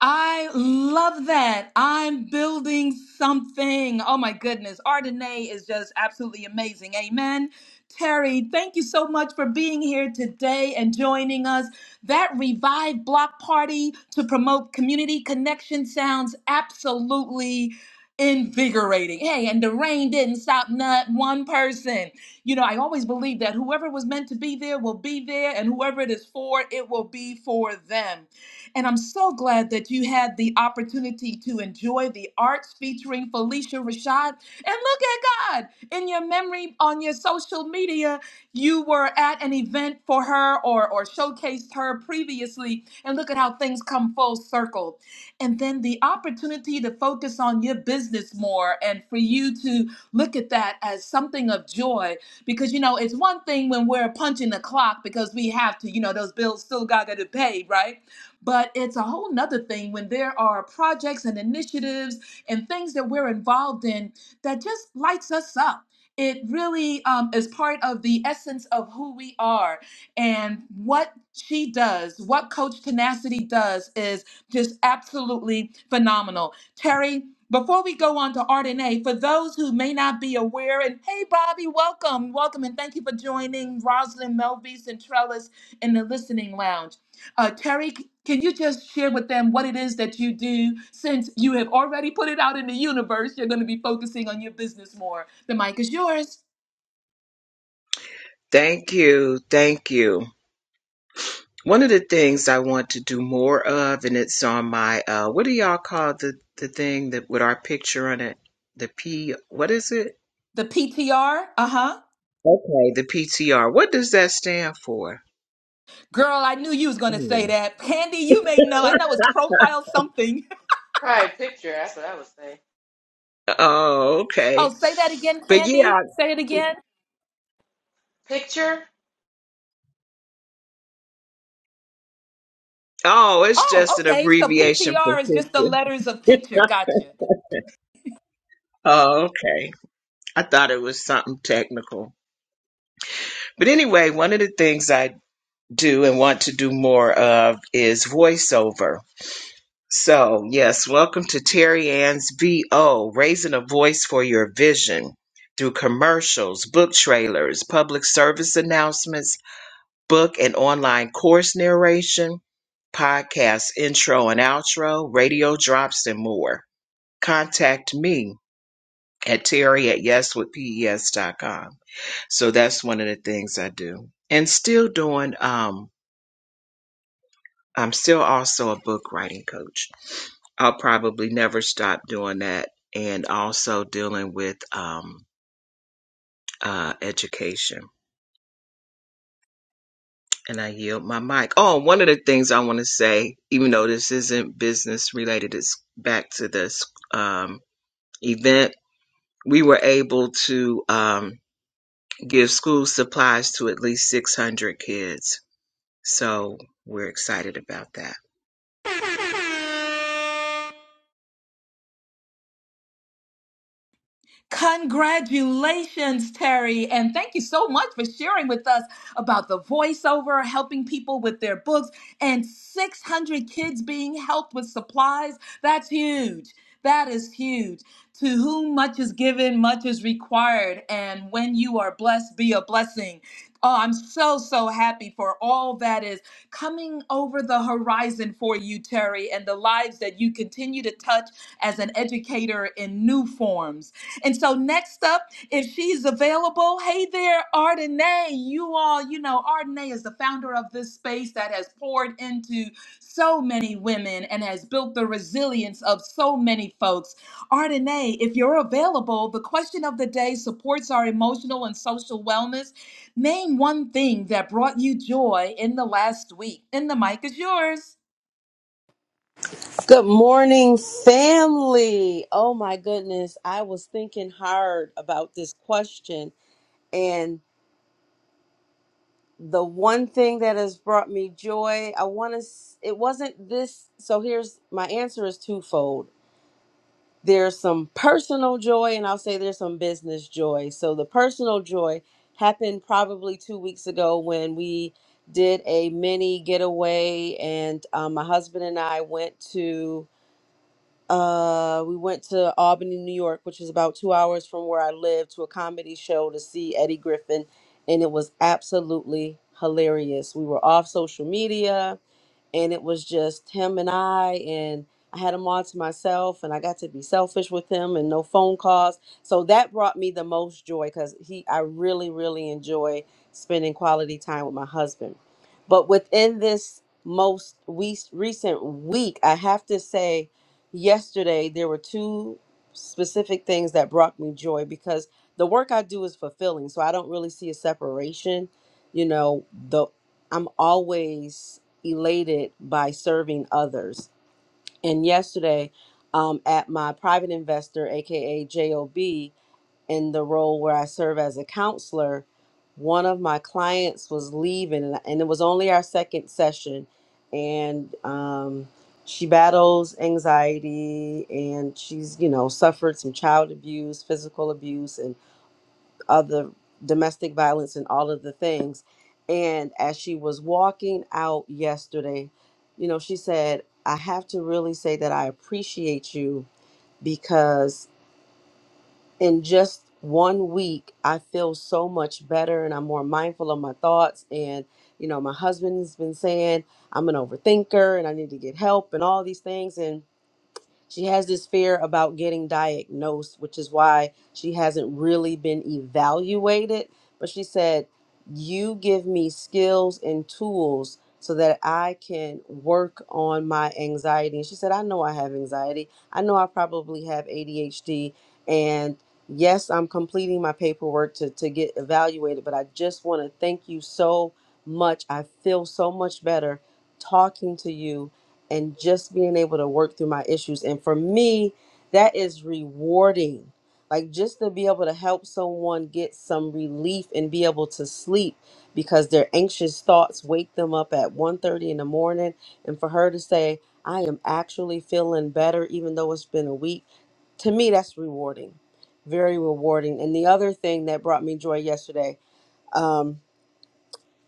S1: I love that. I'm building something. Oh my goodness. Ardenae is just absolutely amazing. Amen. Terry, thank you so much for being here today and joining us. That Revive Block Party to promote community connection sounds absolutely invigorating. Hey, and the rain didn't stop not one person. You know, I always believe that whoever was meant to be there will be there, and whoever it is for, it will be for them. And I'm so glad that you had the opportunity to enjoy the arts featuring Felicia Rashad. And look at God in your memory on your social media. You were at an event for her or, or showcased her previously. And look at how things come full circle. And then the opportunity to focus on your business more and for you to look at that as something of joy. Because, you know, it's one thing when we're punching the clock because we have to, you know, those bills still got to be paid, right? But it's a whole nother thing when there are projects and initiatives and things that we're involved in that just lights us up. It really um, is part of the essence of who we are. And what she does, what Coach Tenacity does, is just absolutely phenomenal. Terry, before we go on to Ardenae, for those who may not be aware, and hey, Bobby, welcome, welcome, and thank you for joining Rosalind Melvis and Trellis in the listening lounge. Uh, Terry, c- can you just share with them what it is that you do? Since you have already put it out in the universe, you're going to be focusing on your business more. The mic is yours.
S4: Thank you. Thank you. One of the things I want to do more of, and it's on my, uh, what do y'all call the, the thing that with our picture on it? The P, what is it?
S1: The PTR, uh huh.
S4: Okay. The PTR. What does that stand for?
S1: Girl, I knew you was gonna say
S4: Anyway.
S1: that. Candy, you may know. I know it's profile something.
S3: Probably picture. That's what I would say.
S4: Oh, okay.
S1: Oh, say that again,
S4: But
S1: Candy.
S4: yeah,
S1: Say it again.
S3: Picture.
S4: oh, it's just
S1: Oh,
S4: an
S1: okay. So
S4: abbreviation for
S1: PTR is just the
S4: picture.
S1: letters of picture. Gotcha.
S4: oh, okay. I thought it was something technical. But anyway, one of the things I do and want to do more of is voiceover So, yes, welcome to Terry Ann's VO, raising a voice for your vision through commercials, book trailers, public service announcements, book and online course narration, podcast intro and outro, radio drops, and more. Contact me at Terry at yes with p e s dot com. So that's one of the things I do. And still doing um. I'm still also a book writing coach. I'll probably never stop doing that and also dealing with um, uh, education. And I yield my mic. Oh, one of the things I want to say, even though this isn't business related, it's back to this um, event. We were able to um, give school supplies to at least 600 kids. So we're excited about that.
S1: Congratulations, Terry. And thank you so much for sharing with us about the voiceover, helping people with their books, and 600 kids being helped with supplies. That's huge. That is huge. To whom much is given, much is required. And when you are blessed, be a blessing. Oh, I'm so, so happy for all that is coming over the horizon for you, Terry, and the lives that you continue to touch as an educator in new forms. And so next up, if she's available, hey there, Ardenae. You all, you know, Ardenae is the founder of this space that has poured into so many women and has built the resilience of so many folks. Ardenae, if you're available, the question of the day supports our emotional and social wellness. Name one thing that brought you joy in the last week. And the mic is yours.
S5: Good morning, family. Oh my goodness. I was thinking hard about this question. And the one thing that has brought me joy, I want to, it wasn't this. So here's my answer is twofold. There's some personal joy, and I'll say there's some business joy. So the personal joy happened probably two weeks ago when we did a mini getaway, and um, my husband and I went to Uh, we went to Albany, New York, which is about two hours from where I live, to a comedy show to see Eddie Griffin, and it was absolutely hilarious. We were off social media and it was just him and I and I had him all to myself and I got to be selfish with him and no phone calls. So that brought me the most joy cuz he I really really enjoy spending quality time with my husband. But within this most we recent week, I have to say yesterday there were two specific things that brought me joy because the work I do is fulfilling. So I don't really see a separation. You know, the I'm always elated by serving others. And yesterday, um, at my private investor, aka JOB, in the role where I serve as a counselor, one of my clients was leaving, and and it was only our second session. And um, she battles anxiety, and she's you know suffered some child abuse, physical abuse, and of the domestic violence and all of the things. And as she was walking out yesterday, you know, she said, I have to really say that I appreciate you because in just one week, I feel so much better and I'm more mindful of my thoughts. And, you know, my husband's been saying I'm an overthinker and I need to get help and all these things. And she has this fear about getting diagnosed, which is why she hasn't really been evaluated. But she said, You give me skills and tools so that I can work on my anxiety. And she said, I know I have anxiety. I know I probably have ADHD. And yes, I'm completing my paperwork to, to get evaluated, but I just want to thank you so much. I feel so much better talking to you and just being able to work through my issues. And for me, that is rewarding. Like just to be able to help someone get some relief and be able to sleep because their anxious thoughts wake them up at one thirty in the morning and for her to say, "I am actually feeling better even though it's been a week." To me, that's rewarding. Very rewarding. And the other thing that brought me joy yesterday, um,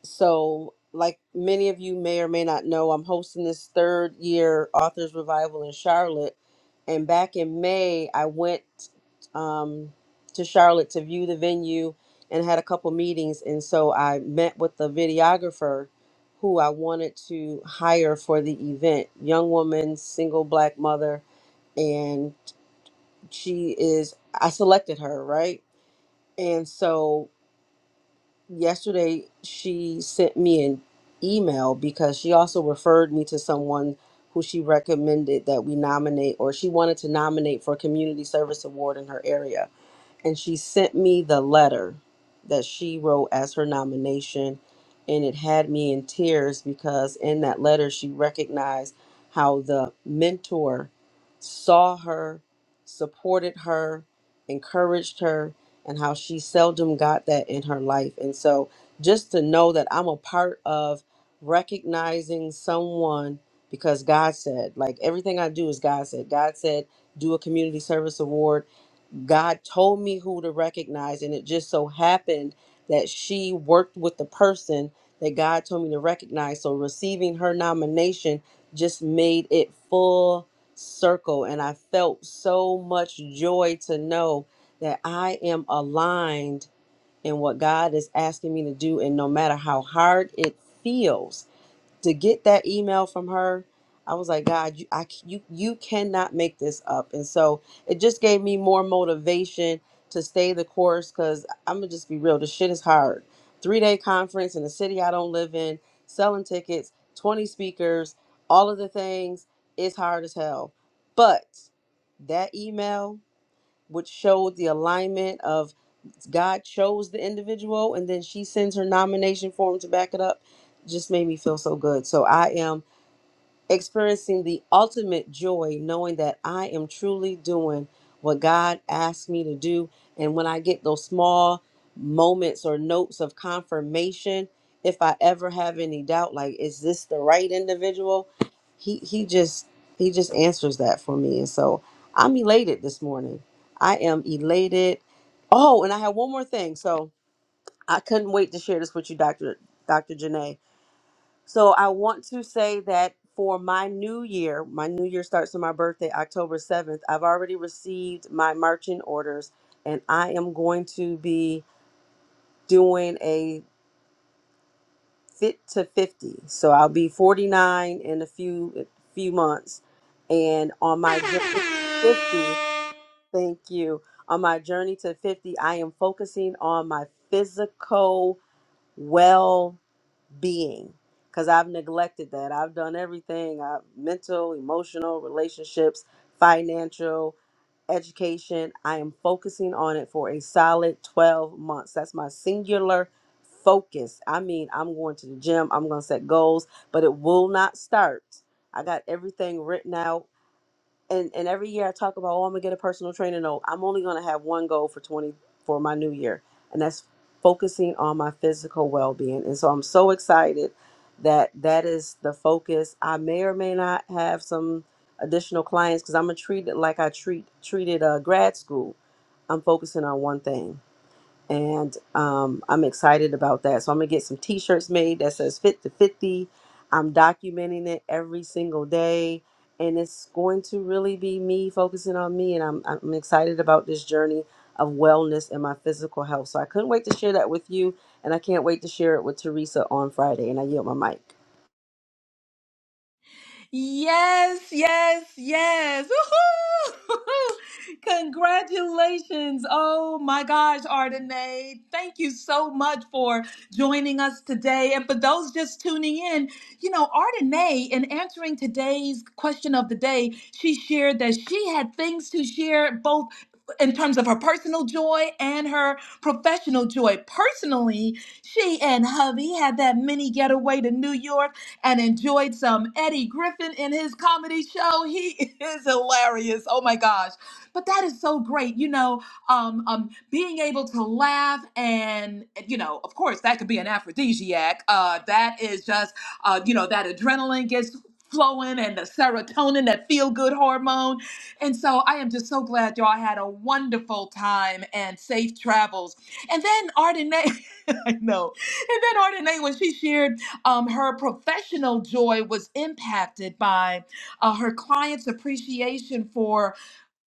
S5: so, like many of you may or may not know, I'm hosting this third year Authors Revival in Charlotte. And back in May, I went um, to Charlotte to view the venue and had a couple meetings. And so I met with the videographer who I wanted to hire for the event. Young woman, single black mother. And she is, I selected her, right? And so yesterday she sent me an email because she also referred me to someone who she recommended that we nominate or she wanted to nominate for a community service award in her area and she sent me the letter that she wrote as her nomination and it had me in tears because in that letter she recognized how the mentor saw her supported her encouraged her and how she seldom got that in her life and so just to know that i'm a part of recognizing someone because god said like everything i do is god said god said do a community service award God told me who to recognize, and it just so happened that she worked with the person that God told me to recognize. So receiving her nomination just made it full circle, and I felt so much joy to know that I am aligned in what God is asking me to do, and no matter how hard it feels to get that email from her i was like god you, I, c- you you cannot make this up and so it just gave me more motivation to stay the course because i'm gonna just be real the shit is hard three day conference in a city i don't live in selling tickets 20 speakers all of the things it's hard as hell but that email which showed the alignment of. God chose the individual and then she sends her nomination form to back it up just made me feel so good. So I am experiencing the ultimate joy knowing that I am truly doing what God asked me to do. And when I get those small moments or notes of confirmation, if I ever have any doubt, like, is this the right individual? He he just he just answers that for me. And so I'm elated this morning. I am elated. Oh, and I have one more thing. So I couldn't wait to share this with you, Dr. Dr. Janae so I want to say that for my new year, my new year starts on my birthday, October 7th. I've already received my marching orders and I am going to be doing a fit to 50. So I'll be 49 in a few few months and on my journey to 50, thank you. On my journey to 50, I am focusing on my physical well. being because I've neglected that. I've done everything I've mental, emotional, relationships, financial, education. I am focusing on it for a solid 12 months. That's my singular focus. I mean, I'm going to the gym, I'm going to set goals, but it will not start. I got everything written out and and every year I talk about, oh, I'm gonna get a personal trainer. No, I'm only gonna have one goal for 20 for my new year, and that's focusing on my physical well being. And so I'm so excited that that is the focus. I may or may not have some additional clients because I'm gonna treat it like I treat treated uh, grad school. I'm focusing on one thing and um, I'm excited about that. So I'm gonna get some T-shirts made that says "Fit to 50." I'm documenting it every single day, and it's going to really be me focusing on me. And I'm I'm excited about this journey of wellness and my physical health. So I couldn't wait to share that with you, and I can't wait to share it with Teresa on Friday. And I yield my mic.
S1: Yes, yes, yes. Woohoo! Congratulations. Oh my gosh, Ardenae. Thank you so much for joining us today. And for those just tuning in, you know, Ardenae, in answering today's question of the day, she shared that she had things to share both in terms of her personal joy and her professional joy. Personally, she and hubby had that mini getaway to New York and enjoyed some Eddie Griffin in his comedy show. He is hilarious. Oh my gosh. But that is so great. You know, um, um, being able to laugh and, you know, of course, that could be an aphrodisiac. Uh, that is just, uh, you know, that adrenaline gets flowing and the serotonin, that feel good hormone. And so I am just so glad y'all had a wonderful time and safe travels. And then Ardenae, I know. And then Ardenae, when she shared um, her professional joy was impacted by uh, her clients' appreciation for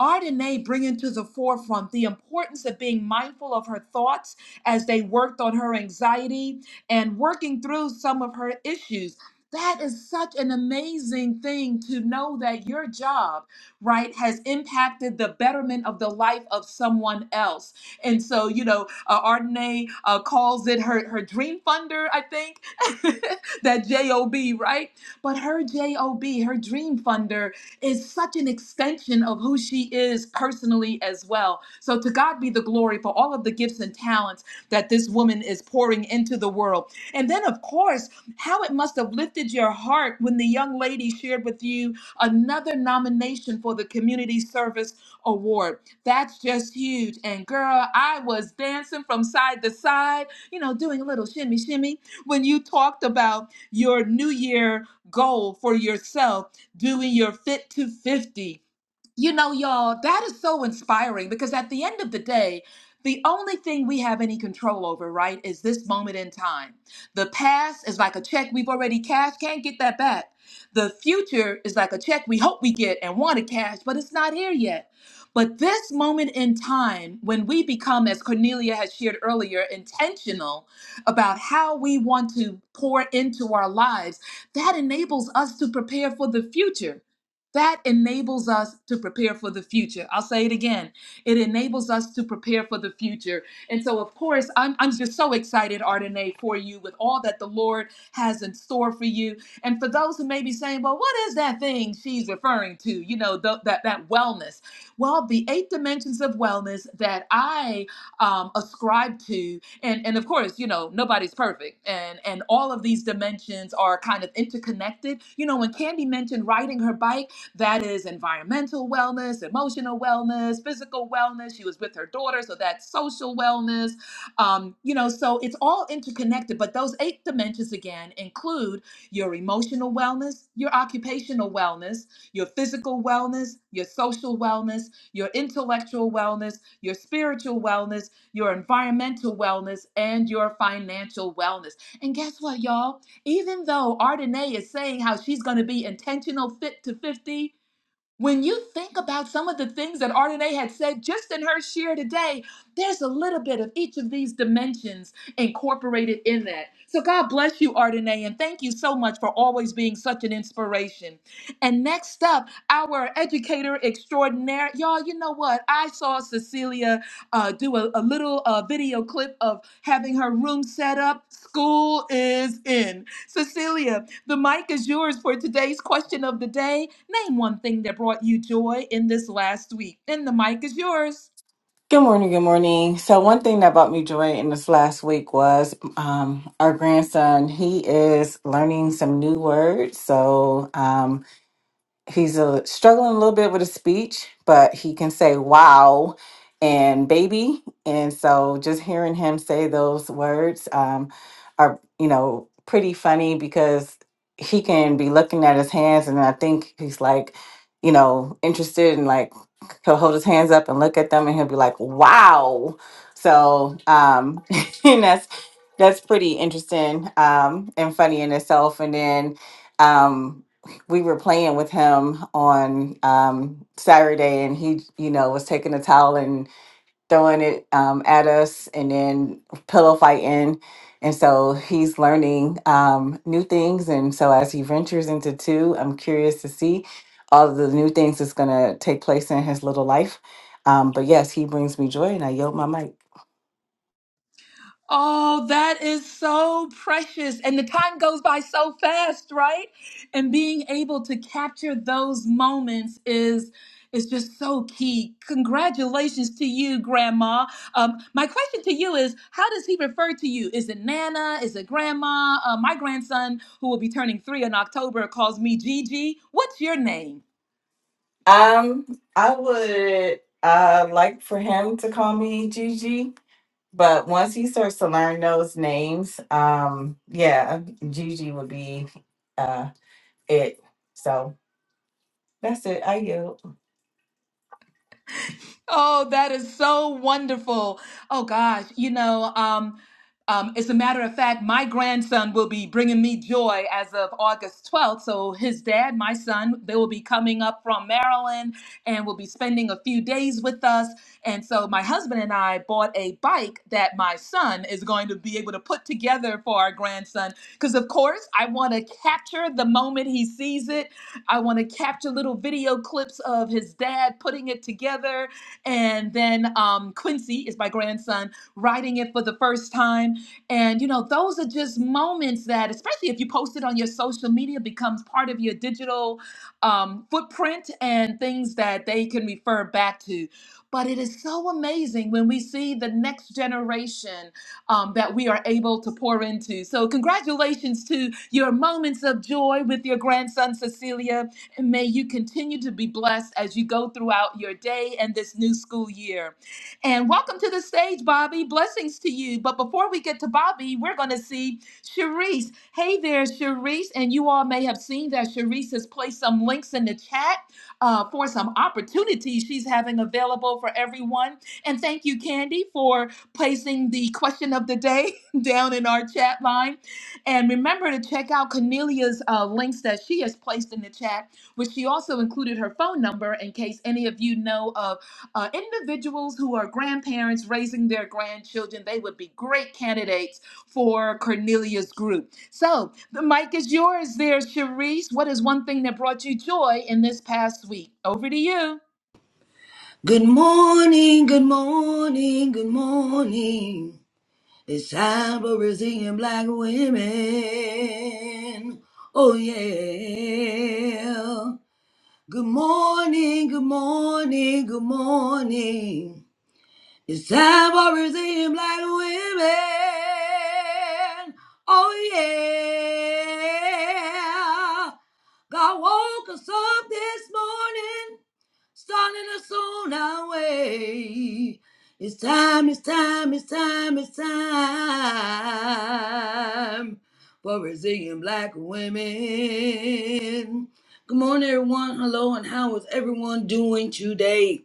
S1: Ardenae bringing to the forefront the importance of being mindful of her thoughts as they worked on her anxiety and working through some of her issues. That is such an amazing thing to know that your job, right, has impacted the betterment of the life of someone else. And so, you know, uh, Ardenae uh, calls it her, her dream funder, I think, that JOB, right? But her JOB, her dream funder, is such an extension of who she is personally as well. So to God be the glory for all of the gifts and talents that this woman is pouring into the world. And then, of course, how it must have lifted your heart when the young lady shared with you another nomination for the Community Service Award. That's just huge. And girl, I was dancing from side to side, you know, doing a little shimmy shimmy when you talked about your New Year goal for yourself doing your fit to 50 you know, y'all, that is so inspiring because at the end of the day, the only thing we have any control over, right, is this moment in time. The past is like a check we've already cashed, can't get that back. The future is like a check we hope we get and want to cash, but it's not here yet. But this moment in time, when we become, as Cornelia has shared earlier, intentional about how we want to pour into our lives, that enables us to prepare for the future. That enables us to prepare for the future. I'll say it again. It enables us to prepare for the future. And so, of course, I'm, I'm just so excited, Ardenae, for you with all that the Lord has in store for you. And for those who may be saying, well, what is that thing she's referring to? You know, th- that, that wellness. Well, the eight dimensions of wellness that I um, ascribe to, and, and of course, you know, nobody's perfect. And, and all of these dimensions are kind of interconnected. You know, when Candy mentioned riding her bike, that is environmental wellness, emotional wellness, physical wellness. She was with her daughter, so that's social wellness. Um, you know, so it's all interconnected. But those eight dimensions again include your emotional wellness, your occupational wellness, your physical wellness, your social wellness, your intellectual wellness, your spiritual wellness, your environmental wellness, and your financial wellness. And guess what, y'all? Even though Ardenae is saying how she's going to be intentional fit to 50, when you think about some of the things that Ardenae had said just in her share today, there's a little bit of each of these dimensions incorporated in that. So God bless you, Ardenae, and thank you so much for always being such an inspiration. And next up, our educator extraordinaire, y'all, you know what? I saw Cecilia uh, do a, a little uh, video clip of having her room set up. School is in. Cecilia, the mic is yours for today's question of the day. Name one thing that brought you joy in this last week. And the mic is yours.
S6: Good morning. Good morning. So, one thing that brought me joy in this last week was um, our grandson. He is learning some new words. So, um, he's a, struggling a little bit with his speech, but he can say wow and baby. And so just hearing him say those words um, are, you know, pretty funny because he can be looking at his hands and I think he's like, you know, interested and like he'll hold his hands up and look at them and he'll be like, wow. So, um, and that's, that's pretty interesting um, and funny in itself. And then, um, we were playing with him on um, Saturday, and he, you know, was taking a towel and throwing it um, at us, and then pillow fighting. And so he's learning um, new things. And so as he ventures into two, I'm curious to see all of the new things that's going to take place in his little life. Um, but yes, he brings me joy, and I yield my mic.
S1: Oh, that is so precious. And the time goes by so fast, right? And being able to capture those moments is is just so key. Congratulations to you, Grandma. Um, my question to you is how does he refer to you? Is it Nana? Is it Grandma? Uh, my grandson, who will be turning three in October, calls me Gigi. What's your name?
S6: Um, I would uh, like for him to call me Gigi But once he starts to learn those names, um, yeah, Gigi would be uh it. So that's it. I yield.
S1: Oh, that is so wonderful. Oh gosh, you know, um, um, as a matter of fact, my grandson will be bringing me joy as of August 12th. So his dad, my son, they will be coming up from Maryland and will be spending a few days with us. And so my husband and I bought a bike that my son is going to be able to put together for our grandson. Because of course, I want to capture the moment he sees it. I want to capture little video clips of his dad putting it together and then um, Quincy is my grandson writing it for the first time. And, you know, those are just moments that, especially if you post it on your social media, becomes part of your digital um, footprint and things that they can refer back to. But it is so amazing when we see the next generation um, that we are able to pour into. So, congratulations to your moments of joy with your grandson, Cecilia. And may you continue to be blessed as you go throughout your day and this new school year. And welcome to the stage, Bobby. Blessings to you. But before we get to Bobby, we're going to see Sharice. Hey there, Sharice. And you all may have seen that Sharice has placed some links in the chat uh, for some opportunities she's having available for everyone. And thank you, Candy, for placing the question of the day down in our chat line. And remember to check out Cornelia's uh, links that she has placed in the chat which she also included her phone number in case any of you know of uh, individuals who are grandparents raising their grandchildren. They would be great candidates for Cornelia's group. So the mic is yours there, Cherise. What is one thing that brought you joy in this past week? Over to you.
S7: Good morning, good morning, good morning. It's time for Brazilian black women. Oh, yeah. Good morning, good morning, good morning. It's time for Brazilian black women. Oh, yeah. God woke us up this morning starting us on our way. It's time, it's time, it's time, it's time for Brazilian black women. Good morning, everyone. Hello, and how is everyone doing today?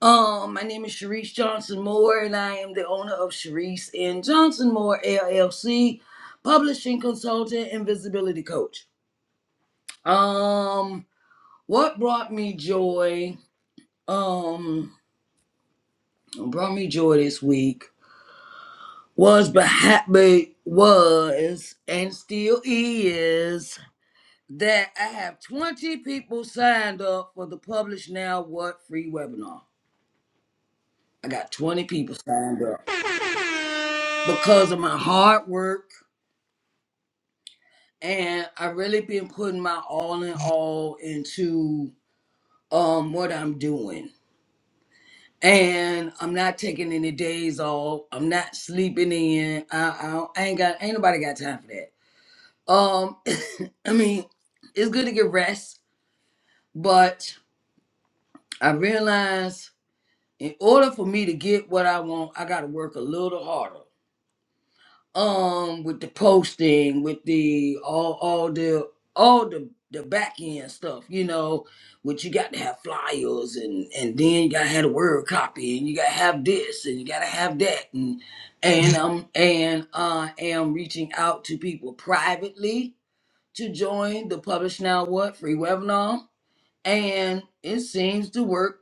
S7: Um, my name is Sharice Johnson Moore, and I am the owner of Sharice and Johnson Moore LLC, publishing consultant and visibility coach. Um, what brought me joy? Um, brought me joy this week was but happy was and still is that I have 20 people signed up for the Publish Now What free webinar. I got 20 people signed up because of my hard work and I really been putting my all in all into um what I'm doing. And I'm not taking any days off. I'm not sleeping in. I, I, don't- I ain't got ain't nobody got time for that. Um, I mean, it's good to get rest, but I realize in order for me to get what I want, I gotta work a little harder. Um, with the posting, with the all all the all the the back end stuff, you know, which you got to have flyers and and then you gotta have the word copy and you gotta have this and you gotta have that and and um and I am reaching out to people privately to join the Publish Now What free webinar, and it seems to work.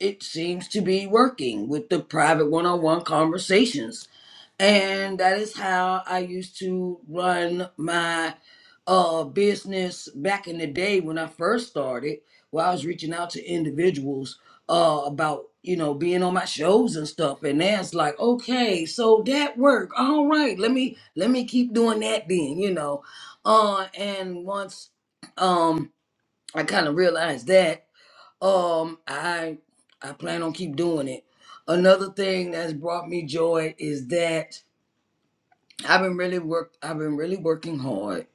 S7: It seems to be working with the private one on one conversations and that is how I used to run my uh business back in the day when I first started, where I was reaching out to individuals uh about you know being on my shows and stuff. And now it's like, okay, so that worked. All right, let me let me keep doing that then, you know. Uh and once um I kind of realized that, um I I plan on keep doing it. Another thing that's brought me joy is that I've been really work. I've been really working hard.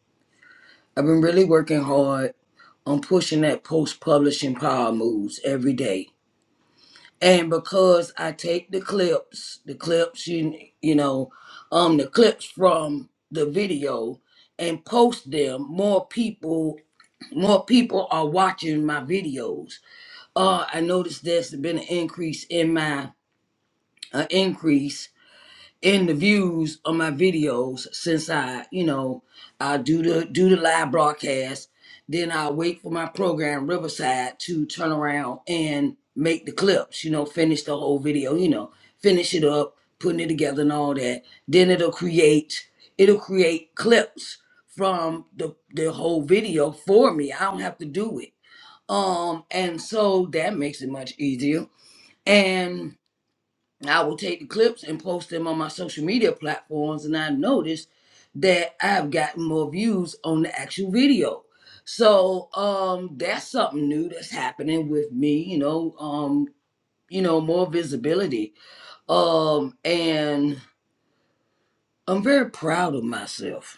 S7: I've been really working hard on pushing that post publishing power moves every day. And because I take the clips, the clips you you know, um, the clips from the video and post them, more people more people are watching my videos. Uh, I noticed there's been an increase in my an increase in the views of my videos since I, you know, I do the do the live broadcast. Then I wait for my program Riverside to turn around and make the clips, you know, finish the whole video, you know, finish it up, putting it together and all that. Then it'll create it'll create clips from the the whole video for me. I don't have to do it. Um and so that makes it much easier. And and I will take the clips and post them on my social media platforms, and I noticed that I've gotten more views on the actual video. So um, that's something new that's happening with me. You know, um, you know, more visibility, um, and I'm very proud of myself.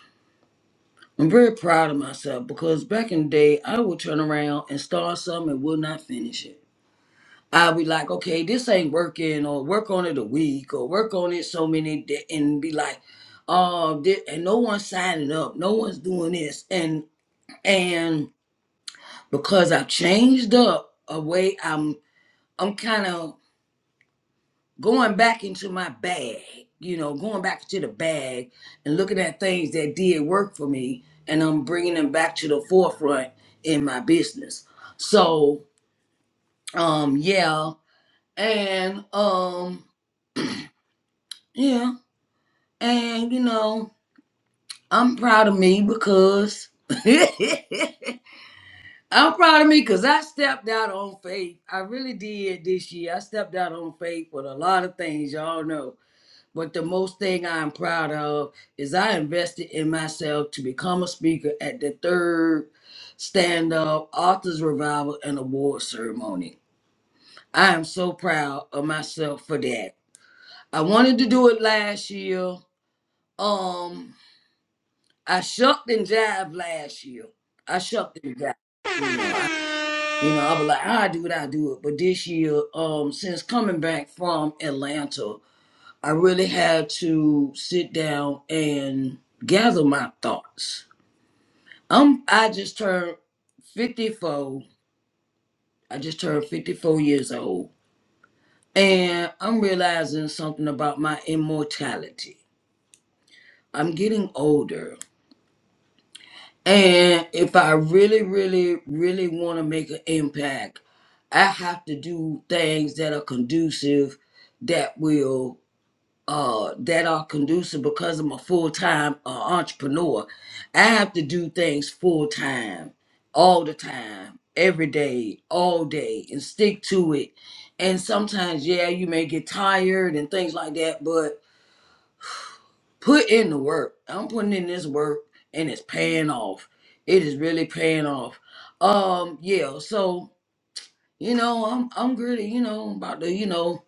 S7: I'm very proud of myself because back in the day, I would turn around and start something and would not finish it. I'll be like, okay, this ain't working, or work on it a week, or work on it so many, da and be like, um, thi- and no one's signing up, no one's doing this, and and because I've changed up a way, I'm I'm kind of going back into my bag, you know, going back to the bag and looking at things that did work for me, and I'm bringing them back to the forefront in my business. So, um, yeah, and um, yeah. And you know, I'm proud of me because I'm proud of me because I stepped out on faith. I really did this year. I stepped out on faith with a lot of things, y'all know. But the most thing I'm proud of is I invested in myself to become a speaker at the third stand up authors revival and award ceremony. I am so proud of myself for that. I wanted to do it last year. Um, I shucked and jive last year. I shucked and jive. You know, I you know, I was like, I do it, I do it. But this year, um, since coming back from Atlanta, I really had to sit down and gather my thoughts. Um, I just turned 54. I just turned 54 years old. And I'm realizing something about my immortality. I'm getting older And if I really, really, really want to make an impact, I have to do things that are conducive, that will, uh, that are conducive because I'm a full time uh, entrepreneur. I have to do things full time, all the time, every day, all day, and stick to it. And sometimes, yeah, you may get tired and things like that, put in the work. I'm putting in this work and it's paying off. It is really paying off. Um, yeah, so you know, I'm I'm really, you know, about to, you know,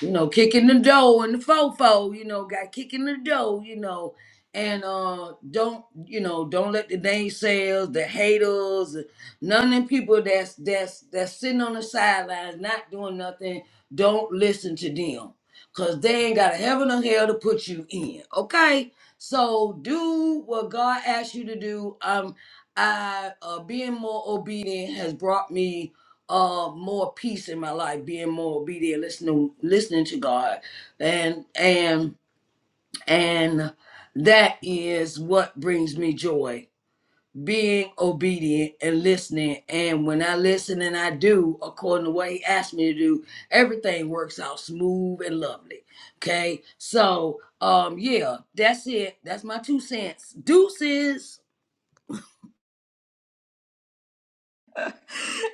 S7: you know, kicking the door and the fofo, you know, got kicking the door, you know, and uh don't you know, don't let the naysayers, the haters, none of them people that's that's that's sitting on the sidelines not doing nothing, don't listen to them. Cause they ain't got a heaven or hell to put you in. Okay? So do what God asks you to do. Um I uh being more obedient has brought me uh more peace in my life, being more obedient, listening listening to God. And and and that is what brings me joy. Being obedient and listening. And when I listen and I do according to what he asked me to do, everything works out smooth and lovely. Okay. So um yeah, that's it. That's my two cents. Deuces.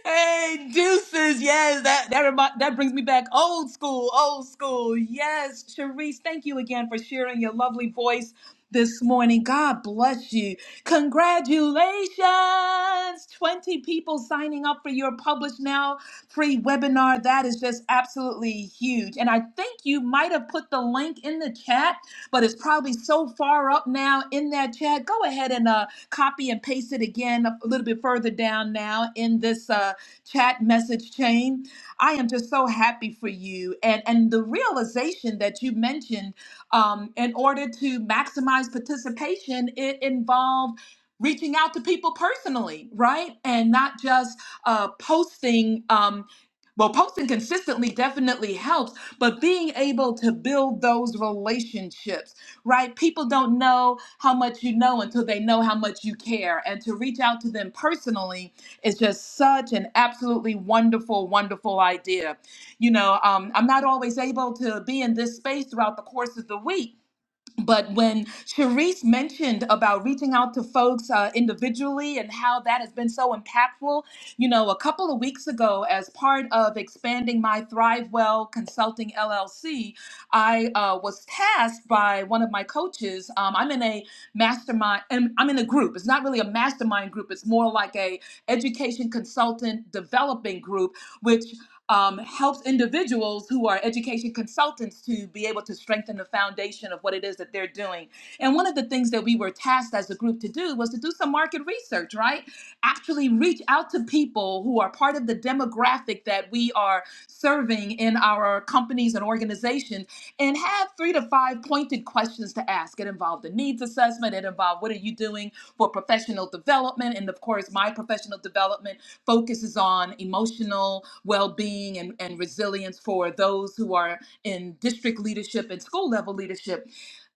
S1: Hey, deuces. Yes, that that remi- that brings me back old school, old school. Yes, Sharice, thank you again for sharing your lovely voice this morning. God bless you. Congratulations. 20 people signing up for your Publish Now free webinar. That is just absolutely huge. And I think you might have put the link in the chat, but it's probably so far up now in that chat. Go ahead and uh copy and paste it again a little bit further down now in this uh, chat message chain. I am just so happy for you, and and the realization that you mentioned. Um, in order to maximize participation, it involved reaching out to people personally, right, and not just uh, posting. Um, well, posting consistently definitely helps, but being able to build those relationships right? People don't know how much you know until they know how much you care. And to reach out to them personally is just such an absolutely wonderful, wonderful idea. You know, um, I'm not always able to be in this space throughout the course of the week but when Sharice mentioned about reaching out to folks uh, individually and how that has been so impactful, you know, a couple of weeks ago, as part of expanding my ThriveWell Consulting LLC, I uh, was tasked by one of my coaches. Um, I'm in a mastermind, and I'm in a group. It's not really a mastermind group. It's more like a education consultant developing group, which um, helps individuals who are education consultants to be able to strengthen the foundation of what it is that they're doing. And one of the things that we were tasked as a group to do was to do some market research, right? Actually, reach out to people who are part of the demographic that we are serving in our companies and organizations and have three to five pointed questions to ask. It involved a needs assessment, it involved what are you doing for professional development, and of course, my professional development focuses on emotional well-being and, and resilience for those who are in district leadership and school level leadership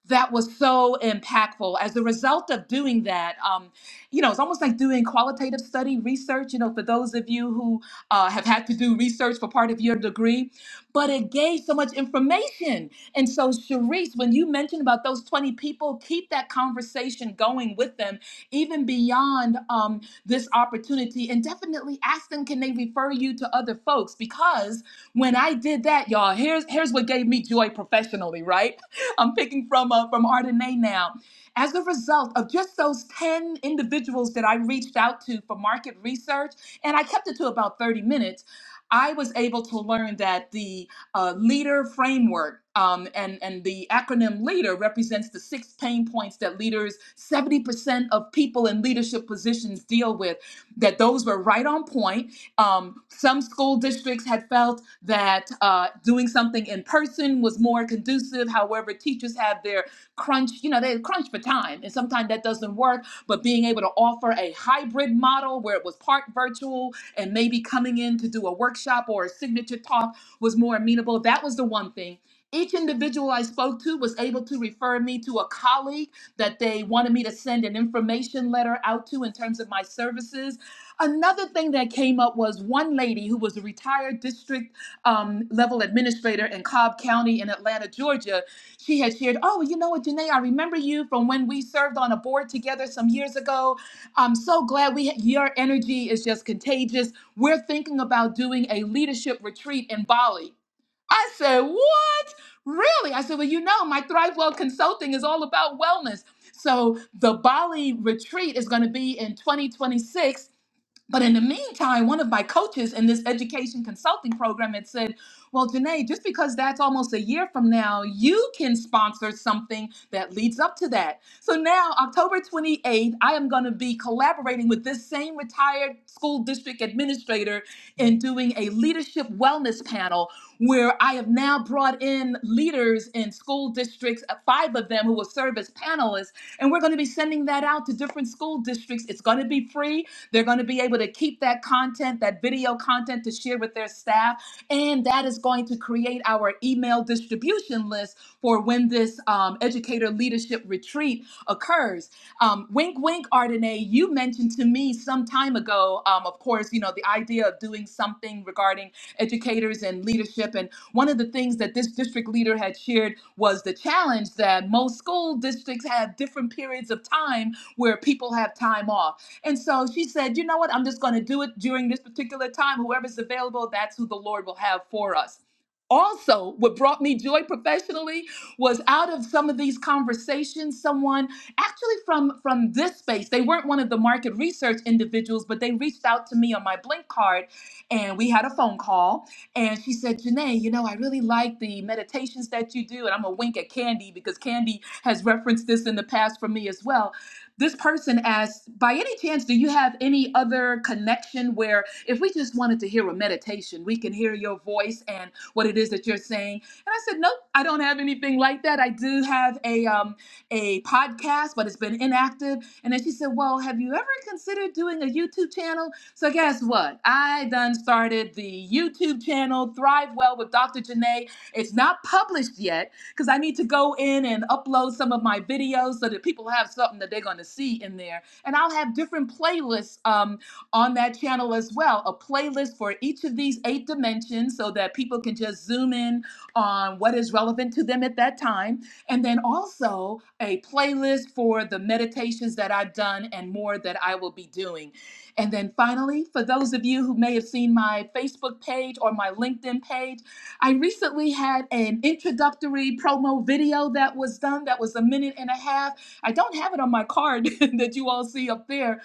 S1: that was so impactful. As a result of doing that, um, you know, it's almost like doing qualitative study research, you know, for those of you who uh, have had to do research for part of your degree, but it gave so much information. And so, Sharice, when you mentioned about those 20 people, keep that conversation going with them, even beyond um, this opportunity, and definitely ask them, can they refer you to other folks? Because when I did that, y'all, here's here's what gave me joy professionally, right? I'm picking from uh, from Ardenae now. As a result of just those 10 individuals that I reached out to for market research, and I kept it to about 30 minutes, I was able to learn that the uh, leader framework um, and, and the acronym leader represents the six pain points that leaders, 70% of people in leadership positions deal with, that those were right on point um, some school districts had felt that uh, doing something in person was more conducive. However, teachers have their crunch, you know, they crunch for time, and sometimes that doesn't work. But being able to offer a hybrid model where it was part virtual and maybe coming in to do a workshop or a signature talk was more amenable, that was the one thing. Each individual I spoke to was able to refer me to a colleague that they wanted me to send an information letter out to in terms of my services Another thing that came up was one lady who was a retired district um, level administrator in Cobb County in Atlanta, Georgia. She had shared, Oh, you know what, Janae, I remember you from when we served on a board together some years ago. I'm so glad we, ha- your energy is just contagious. We're thinking about doing a leadership retreat in Bali. I said, What? Really? I said, Well, you know, my ThriveWell Consulting is all about wellness. So the Bali retreat is going to be in 2026 but in the meantime, one of my coaches in this education consulting program had said, Well, Janae, just because that's almost a year from now, you can sponsor something that leads up to that. So now, October 28th, I am going to be collaborating with this same retired school district administrator in doing a leadership wellness panel where I have now brought in leaders in school districts, uh, five of them who will serve as panelists. And we're going to be sending that out to different school districts. It's going to be free. They're going to be able to keep that content, that video content to share with their staff. And that is going to create our email distribution list for when this um, educator leadership retreat occurs. Um, wink, wink, Ardenae, you mentioned to me some time ago, um, of course, you know, the idea of doing something regarding educators and leadership. And one of the things that this district leader had shared was the challenge that most school districts have different periods of time where people have time off. And so she said, you know what? I'm just going to do it during this particular time. Whoever's available, that's who the Lord will have for us. Also, what brought me joy professionally was out of some of these conversations, someone actually from from this space, they weren't one of the market research individuals, but they reached out to me on my Blink card and we had a phone call. And she said, Janae, you know, I really like the meditations that you do. And I'm a wink at Candy because Candy has referenced this in the past for me as well this person asked, by any chance, do you have any other connection where if we just wanted to hear a meditation, we can hear your voice and what it is that you're saying? And I said, nope, I don't have anything like that. I do have a um, a podcast, but it's been inactive. And then she said, well, have you ever considered doing a YouTube channel? So guess what? I done started the YouTube channel Thrive Well with Dr. Janae. It's not published yet because I need to go in and upload some of my videos so that people have something that they're going to see in there. And I'll have different playlists um, on that channel as well a playlist for each of these eight dimensions so that people can just zoom in on what is relevant to them at that time. And then also a playlist for the meditations that I've done and more that I will be doing. And then finally, for those of you who may have seen my Facebook page or my LinkedIn page, I recently had an introductory promo video that was done that was a minute and a half. I don't have it on my card that you all see up there,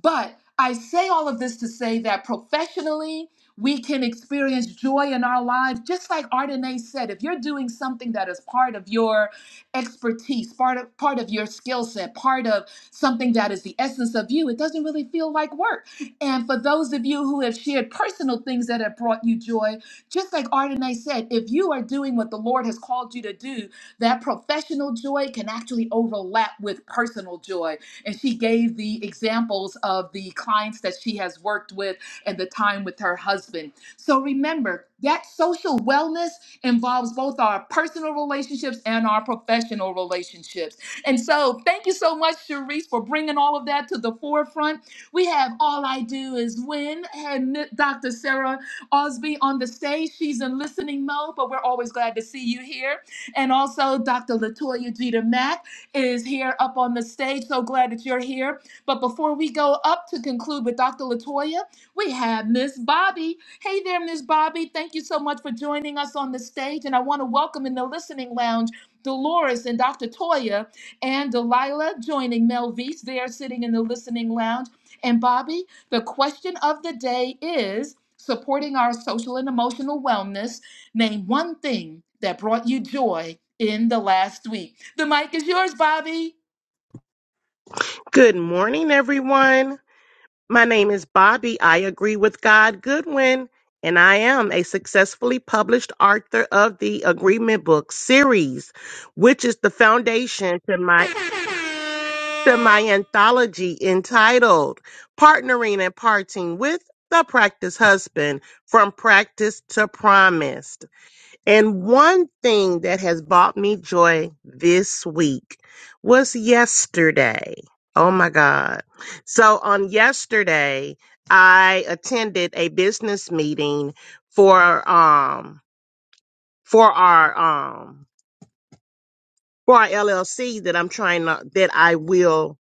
S1: but I say all of this to say that professionally, we can experience joy in our lives. Just like Ardenae said, if you're doing something that is part of your expertise, part of, part of your skill set, part of something that is the essence of you, it doesn't really feel like work. And for those of you who have shared personal things that have brought you joy, just like Ardenae said, if you are doing what the Lord has called you to do, that professional joy can actually overlap with personal joy. And she gave the examples of the clients that she has worked with and the time with her husband. So remember, that social wellness involves both our personal relationships and our professional relationships. And so, thank you so much, Cherise, for bringing all of that to the forefront. We have All I Do Is Win and Dr. Sarah Osby on the stage. She's in listening mode, but we're always glad to see you here. And also, Dr. Latoya Jeter Mack is here up on the stage. So glad that you're here. But before we go up to conclude with Dr. Latoya, we have Miss Bobby. Hey there, Miss Bobby. Thank you so much for joining us on the stage. And I want to welcome in the listening lounge Dolores and Dr. Toya and Delilah joining Melvise. They are sitting in the listening lounge. And Bobby, the question of the day is supporting our social and emotional wellness, name one thing that brought you joy in the last week. The mic is yours, Bobby.
S8: Good morning, everyone. My name is Bobby. I agree with God Goodwin, and I am a successfully published author of the Agreement Book series, which is the foundation to my to my anthology entitled Partnering and Parting with the Practice Husband from Practice to Promise. And one thing that has brought me joy this week was yesterday. Oh my God. So on yesterday, I attended a business meeting for, um, for our, um, for our LLC that I'm trying to, that I will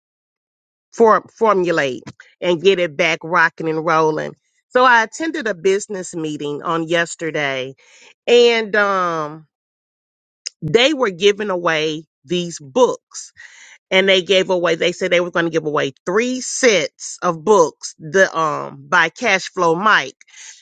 S8: for, formulate and get it back rocking and rolling. So I attended a business meeting on yesterday and, um, they were giving away these books and they gave away they said they were going to give away three sets of books the um by Cashflow mike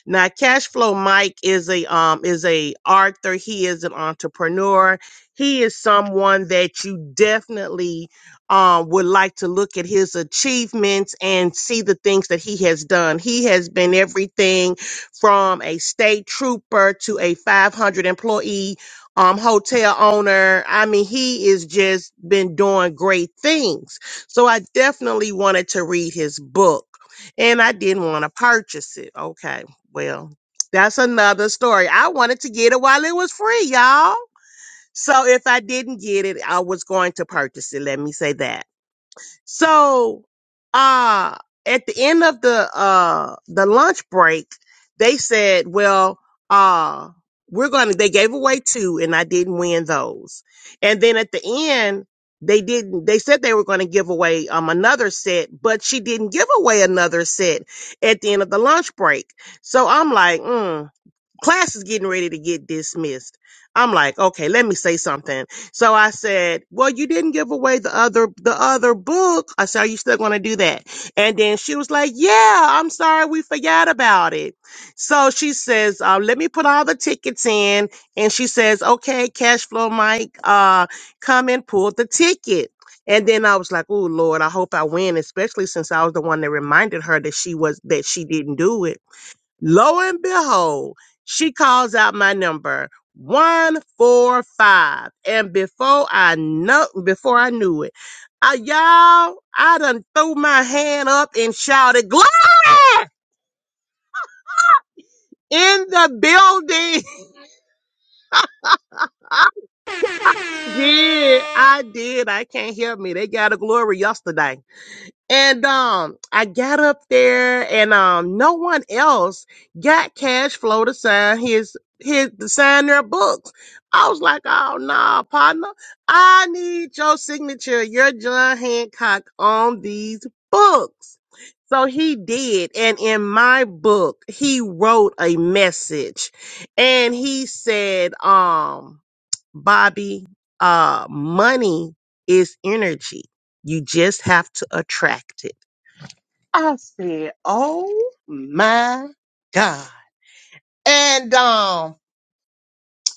S8: now Cashflow mike is a um is a author he is an entrepreneur he is someone that you definitely um would like to look at his achievements and see the things that he has done he has been everything from a state trooper to a 500 employee um, hotel owner. I mean, he is just been doing great things. So I definitely wanted to read his book and I didn't want to purchase it. Okay. Well, that's another story. I wanted to get it while it was free, y'all. So if I didn't get it, I was going to purchase it. Let me say that. So, uh, at the end of the, uh, the lunch break, they said, well, uh, we're going to, they gave away two and I didn't win those. And then at the end, they didn't, they said they were going to give away, um, another set, but she didn't give away another set at the end of the lunch break. So I'm like, mm, class is getting ready to get dismissed. I'm like, okay, let me say something. So I said, well, you didn't give away the other, the other book. I said, are you still going to do that? And then she was like, yeah, I'm sorry. We forgot about it. So she says, uh, let me put all the tickets in. And she says, okay, cash flow, Mike, uh, come and pull the ticket. And then I was like, oh Lord, I hope I win, especially since I was the one that reminded her that she was, that she didn't do it. Lo and behold, she calls out my number 145. And before I know before I knew it, I, y'all, I done threw my hand up and shouted, Glory! In the building. I did. I did. I can't help me. They got a glory yesterday. And um, I got up there, and um, no one else got cash flow to sign his his to sign their books. I was like, oh no, partner, I need your signature, your John Hancock on these books. So he did, and in my book, he wrote a message, and he said, um, Bobby, uh, money is energy. You just have to attract it. I said, "Oh my God!" And um,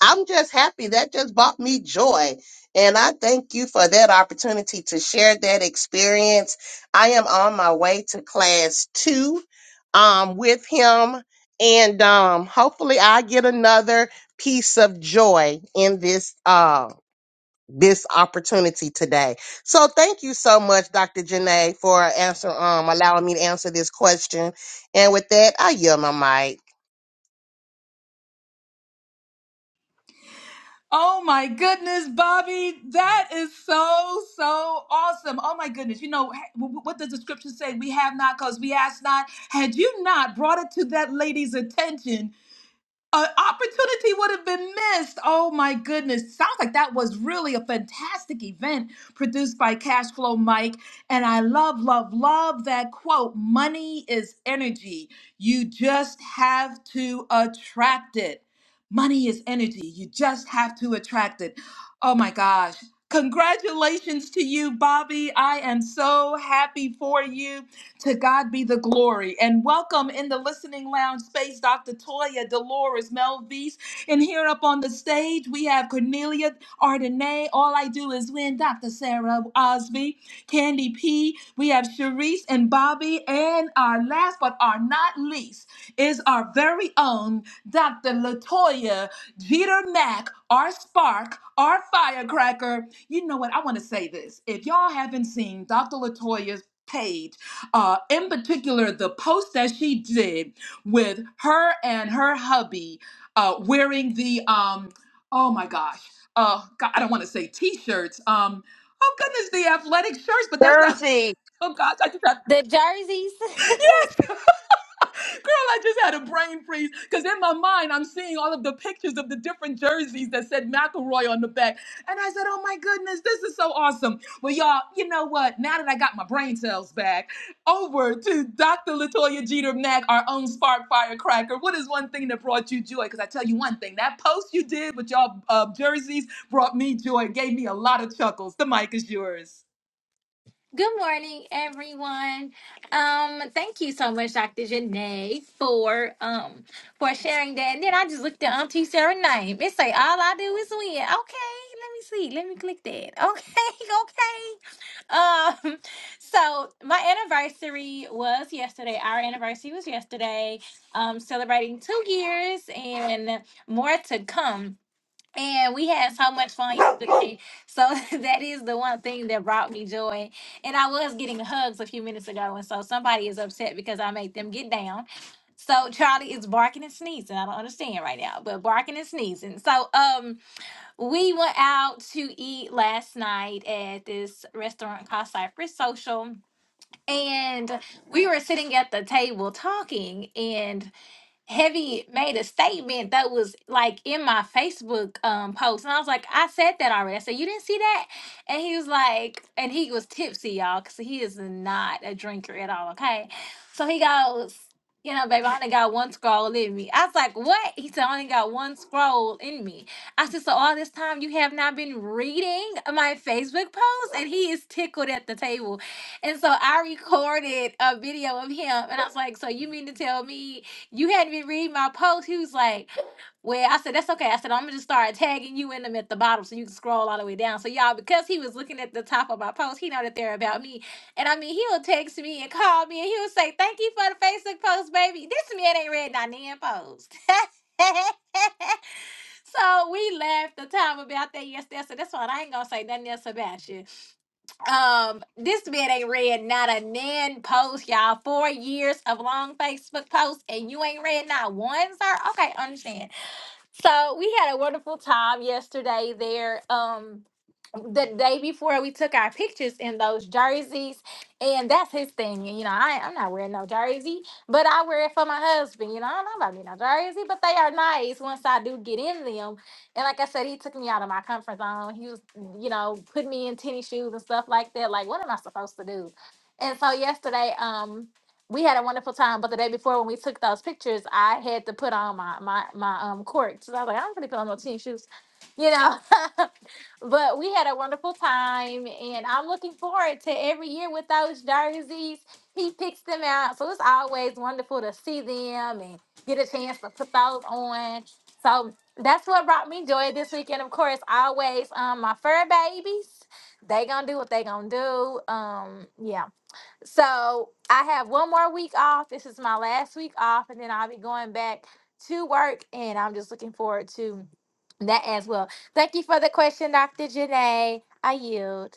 S8: I'm just happy that just brought me joy, and I thank you for that opportunity to share that experience. I am on my way to class two, um, with him, and um, hopefully I get another piece of joy in this Um, this opportunity today. So thank you so much, Dr. Janae, for answer um allowing me to answer this question. And with that, I yield my mic.
S1: Oh my goodness, Bobby, that is so, so awesome. Oh my goodness. You know, ha- what does the scripture say? We have not because we ask not. Had you not brought it to that lady's attention, an opportunity would have been missed. Oh my goodness. Sounds like that was really a fantastic event produced by Cashflow Mike. And I love, love, love that quote money is energy. You just have to attract it. Money is energy. You just have to attract it. Oh my gosh. Congratulations to you, Bobby. I am so happy for you. To God be the glory. And welcome in the listening lounge space, Dr. Toya, Dolores, Melvise. And here up on the stage, we have Cornelia Ardenay. All I do is win, Dr. Sarah Osby, Candy P. We have Sharice and Bobby. And our last but are not least is our very own Dr. Latoya Jeter Mack, our spark, our firecracker. You know what? I want to say this. If y'all haven't seen Dr. Latoya's page, uh, in particular, the post that she did with her and her hubby uh, wearing the um, oh my gosh, uh, God, I don't want to say t-shirts. Um, oh goodness, the athletic shirts, but that's not.
S2: Jersey.
S1: Oh gosh, I just got
S9: The jerseys.
S1: yes. Girl, I just had a brain freeze because in my mind I'm seeing all of the pictures of the different jerseys that said McElroy on the back. And I said, oh my goodness, this is so awesome. Well, y'all, you know what? Now that I got my brain cells back, over to Dr. Latoya Jeter Mack, our own spark firecracker. What is one thing that brought you joy? Because I tell you one thing, that post you did with y'all uh, jerseys brought me joy, gave me a lot of chuckles. The mic is yours.
S9: Good morning, everyone. Um, thank you so much, Dr. Janae, for um for sharing that. And then I just looked at Auntie Sarah's name. It say all I do is win. Okay, let me see. Let me click that. Okay, okay. Um, so my anniversary was yesterday. Our anniversary was yesterday. Um, celebrating two years and more to come. And we had so much fun yesterday. So that is the one thing that brought me joy. And I was getting hugs a few minutes ago. And so somebody is upset because I made them get down. So Charlie is barking and sneezing. I don't understand right now, but barking and sneezing. So um we went out to eat last night at this restaurant called Cypress Social. And we were sitting at the table talking. and. Heavy made a statement that was like in my Facebook um post, and I was like, I said that already. I said you didn't see that, and he was like, and he was tipsy, y'all, because he is not a drinker at all. Okay, so he goes, you know, baby, I only got one scroll in me. I was like, what? He said, I only got one scroll in me. I said, so all this time you have not been reading my Facebook post, and he is tickled at the table. And so I recorded a video of him, and I was like, "So you mean to tell me?" You had me read my post. He was like, Well, I said, That's okay. I said, I'm gonna just start tagging you in them at the bottom so you can scroll all the way down. So y'all, because he was looking at the top of my post, he know that they're about me. And I mean he'll text me and call me and he'll say, Thank you for the Facebook post, baby. This man ain't read my damn post. so we laughed the time about that yesterday. So that's why I ain't gonna say nothing else about you. Um, this man ain't read not a nan post, y'all. Four years of long Facebook posts, and you ain't read not one, sir. Okay, understand. So we had a wonderful time yesterday there. Um, the day before we took our pictures in those jerseys and that's his thing you know I, i'm not wearing no jersey but i wear it for my husband you know i don't know about me no jersey but they are nice once i do get in them and like i said he took me out of my comfort zone he was you know put me in tennis shoes and stuff like that like what am i supposed to do and so yesterday um we had a wonderful time, but the day before when we took those pictures, I had to put on my my my um corks. So I was like, I don't really put on no tennis shoes, you know. But we had a wonderful time, and I'm looking forward to every year with those jerseys. He picks them out, so it's always wonderful to see them and get a chance to put those on. So that's what brought me joy this weekend. Of course, always um, my fur babies. They gonna do what they gonna do. Um, yeah. So I have one more week off. This is my last week off, and then I'll be going back to work, and I'm just looking forward to that as well. Thank you for the question, Dr. Janae. I yield.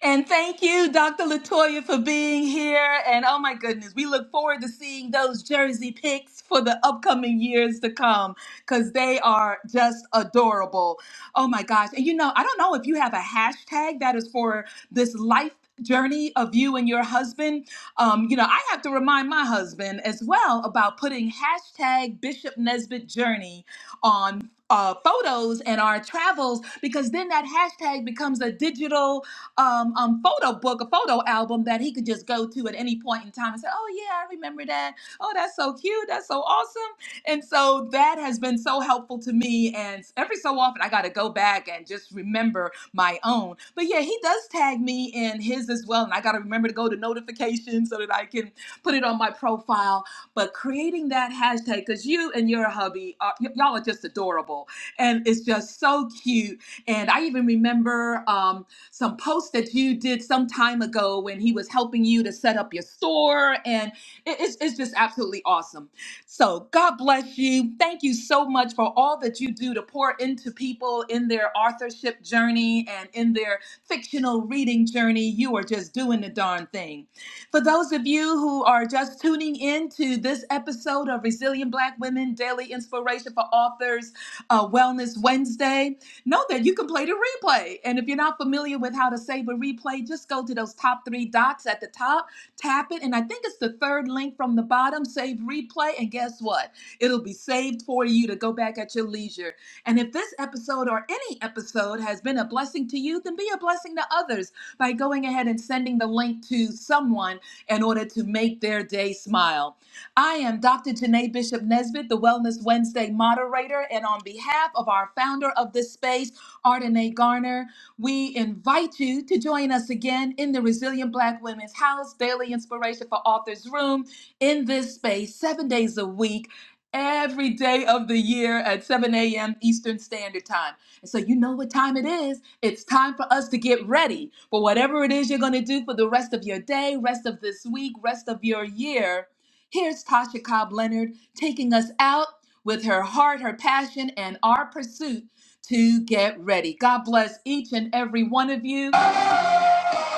S1: And thank you, Dr. Latoya, for being here. And oh my goodness, we look forward to seeing those jersey picks for the upcoming years to come because they are just adorable. Oh my gosh. And you know, I don't know if you have a hashtag that is for this life journey of you and your husband. Um, you know, I have to remind my husband as well about putting hashtag Bishop Nesbitt Journey on. Uh, photos and our travels because then that hashtag becomes a digital um, um, photo book, a photo album that he could just go to at any point in time and say, "Oh yeah, I remember that. Oh, that's so cute. That's so awesome." And so that has been so helpful to me. And every so often, I got to go back and just remember my own. But yeah, he does tag me in his as well, and I got to remember to go to notifications so that I can put it on my profile. But creating that hashtag because you and your hubby, are, y- y'all are just adorable, and it's just so cute. And I even remember. Um, some posts that you did some time ago when he was helping you to set up your store. And it- it's, it's just absolutely awesome. So God bless you. Thank you so much for all that you do to pour into people in their authorship journey and in their fictional reading journey. You are just doing the darn thing. For those of you who are just tuning in to this episode of Resilient Black Women Daily Inspiration for Authors uh, Wellness Wednesday, know that you can play the replay. And if you're not familiar with how to save a replay, just go to those top three dots at the top, tap it, and I think it's the third link from the bottom, save replay. And guess what? It'll be saved for you to go back at your leisure. And if this episode or any episode has been a blessing to you, then be a blessing to others by going ahead and sending the link to someone in order to make their day smile. I am Dr. Janae Bishop Nesbitt, the Wellness Wednesday moderator, and on behalf of our founder of this space, Ardenae Garner, we invite you to join us again in the Resilient Black Women's House Daily Inspiration for Authors Room in this space, seven days a week. Every day of the year at 7 a.m. Eastern Standard Time. And so you know what time it is. It's time for us to get ready for whatever it is you're going to do for the rest of your day, rest of this week, rest of your year Here's Tasha Cobb Leonard taking us out with her heart, her passion, and our pursuit to get ready. God bless each and every one of you.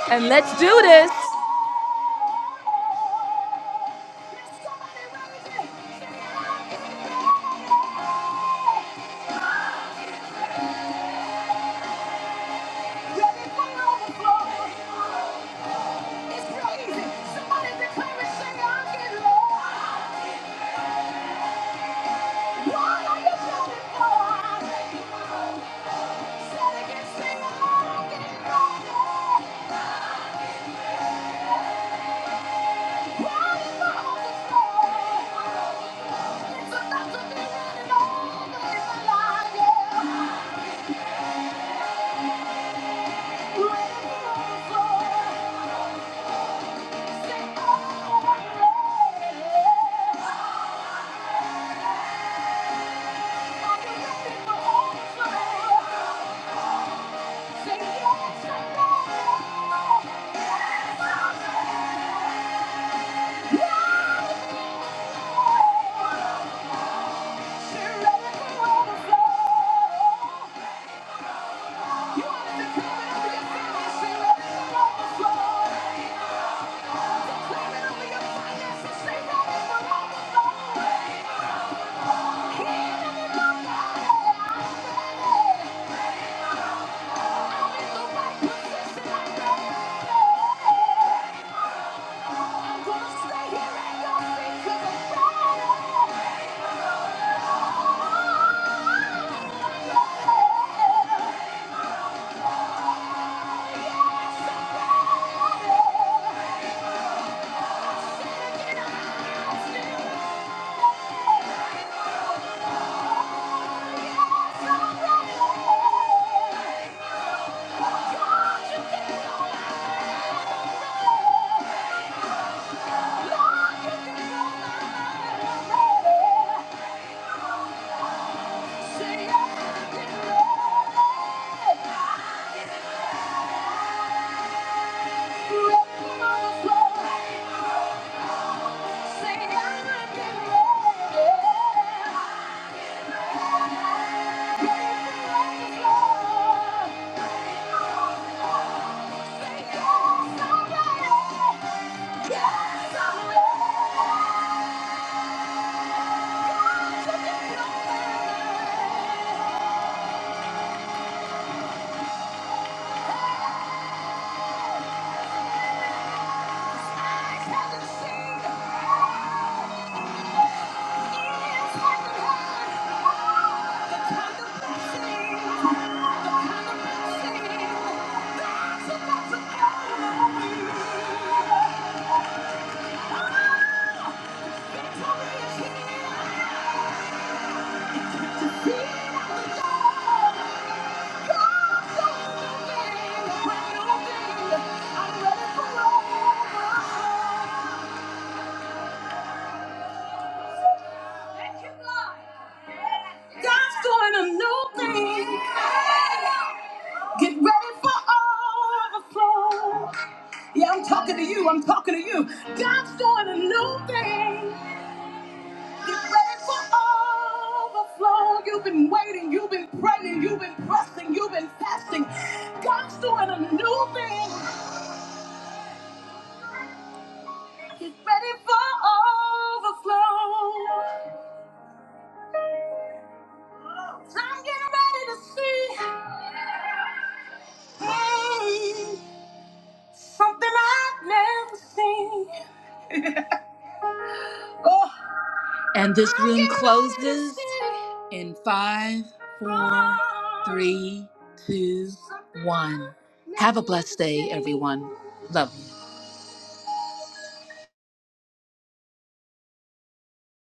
S1: And let's do this. You want it to come and be a Yeah. Say I'm getting ready. Thank you. God's doing a new thing. Get ready for overflow. Yeah, I'm talking to you. I'm talking to you. God's doing a new thing. Get ready for overflow. You've been waiting, you've been praying, you've been pressing, you've been fasting. God's doing a new thing. Get ready for overflow. I'm getting ready to see mm, something I've never seen. Oh. And this I'm room getting ready to closes see. in five, four, three, two, one. Have a blessed day, everyone. Love you.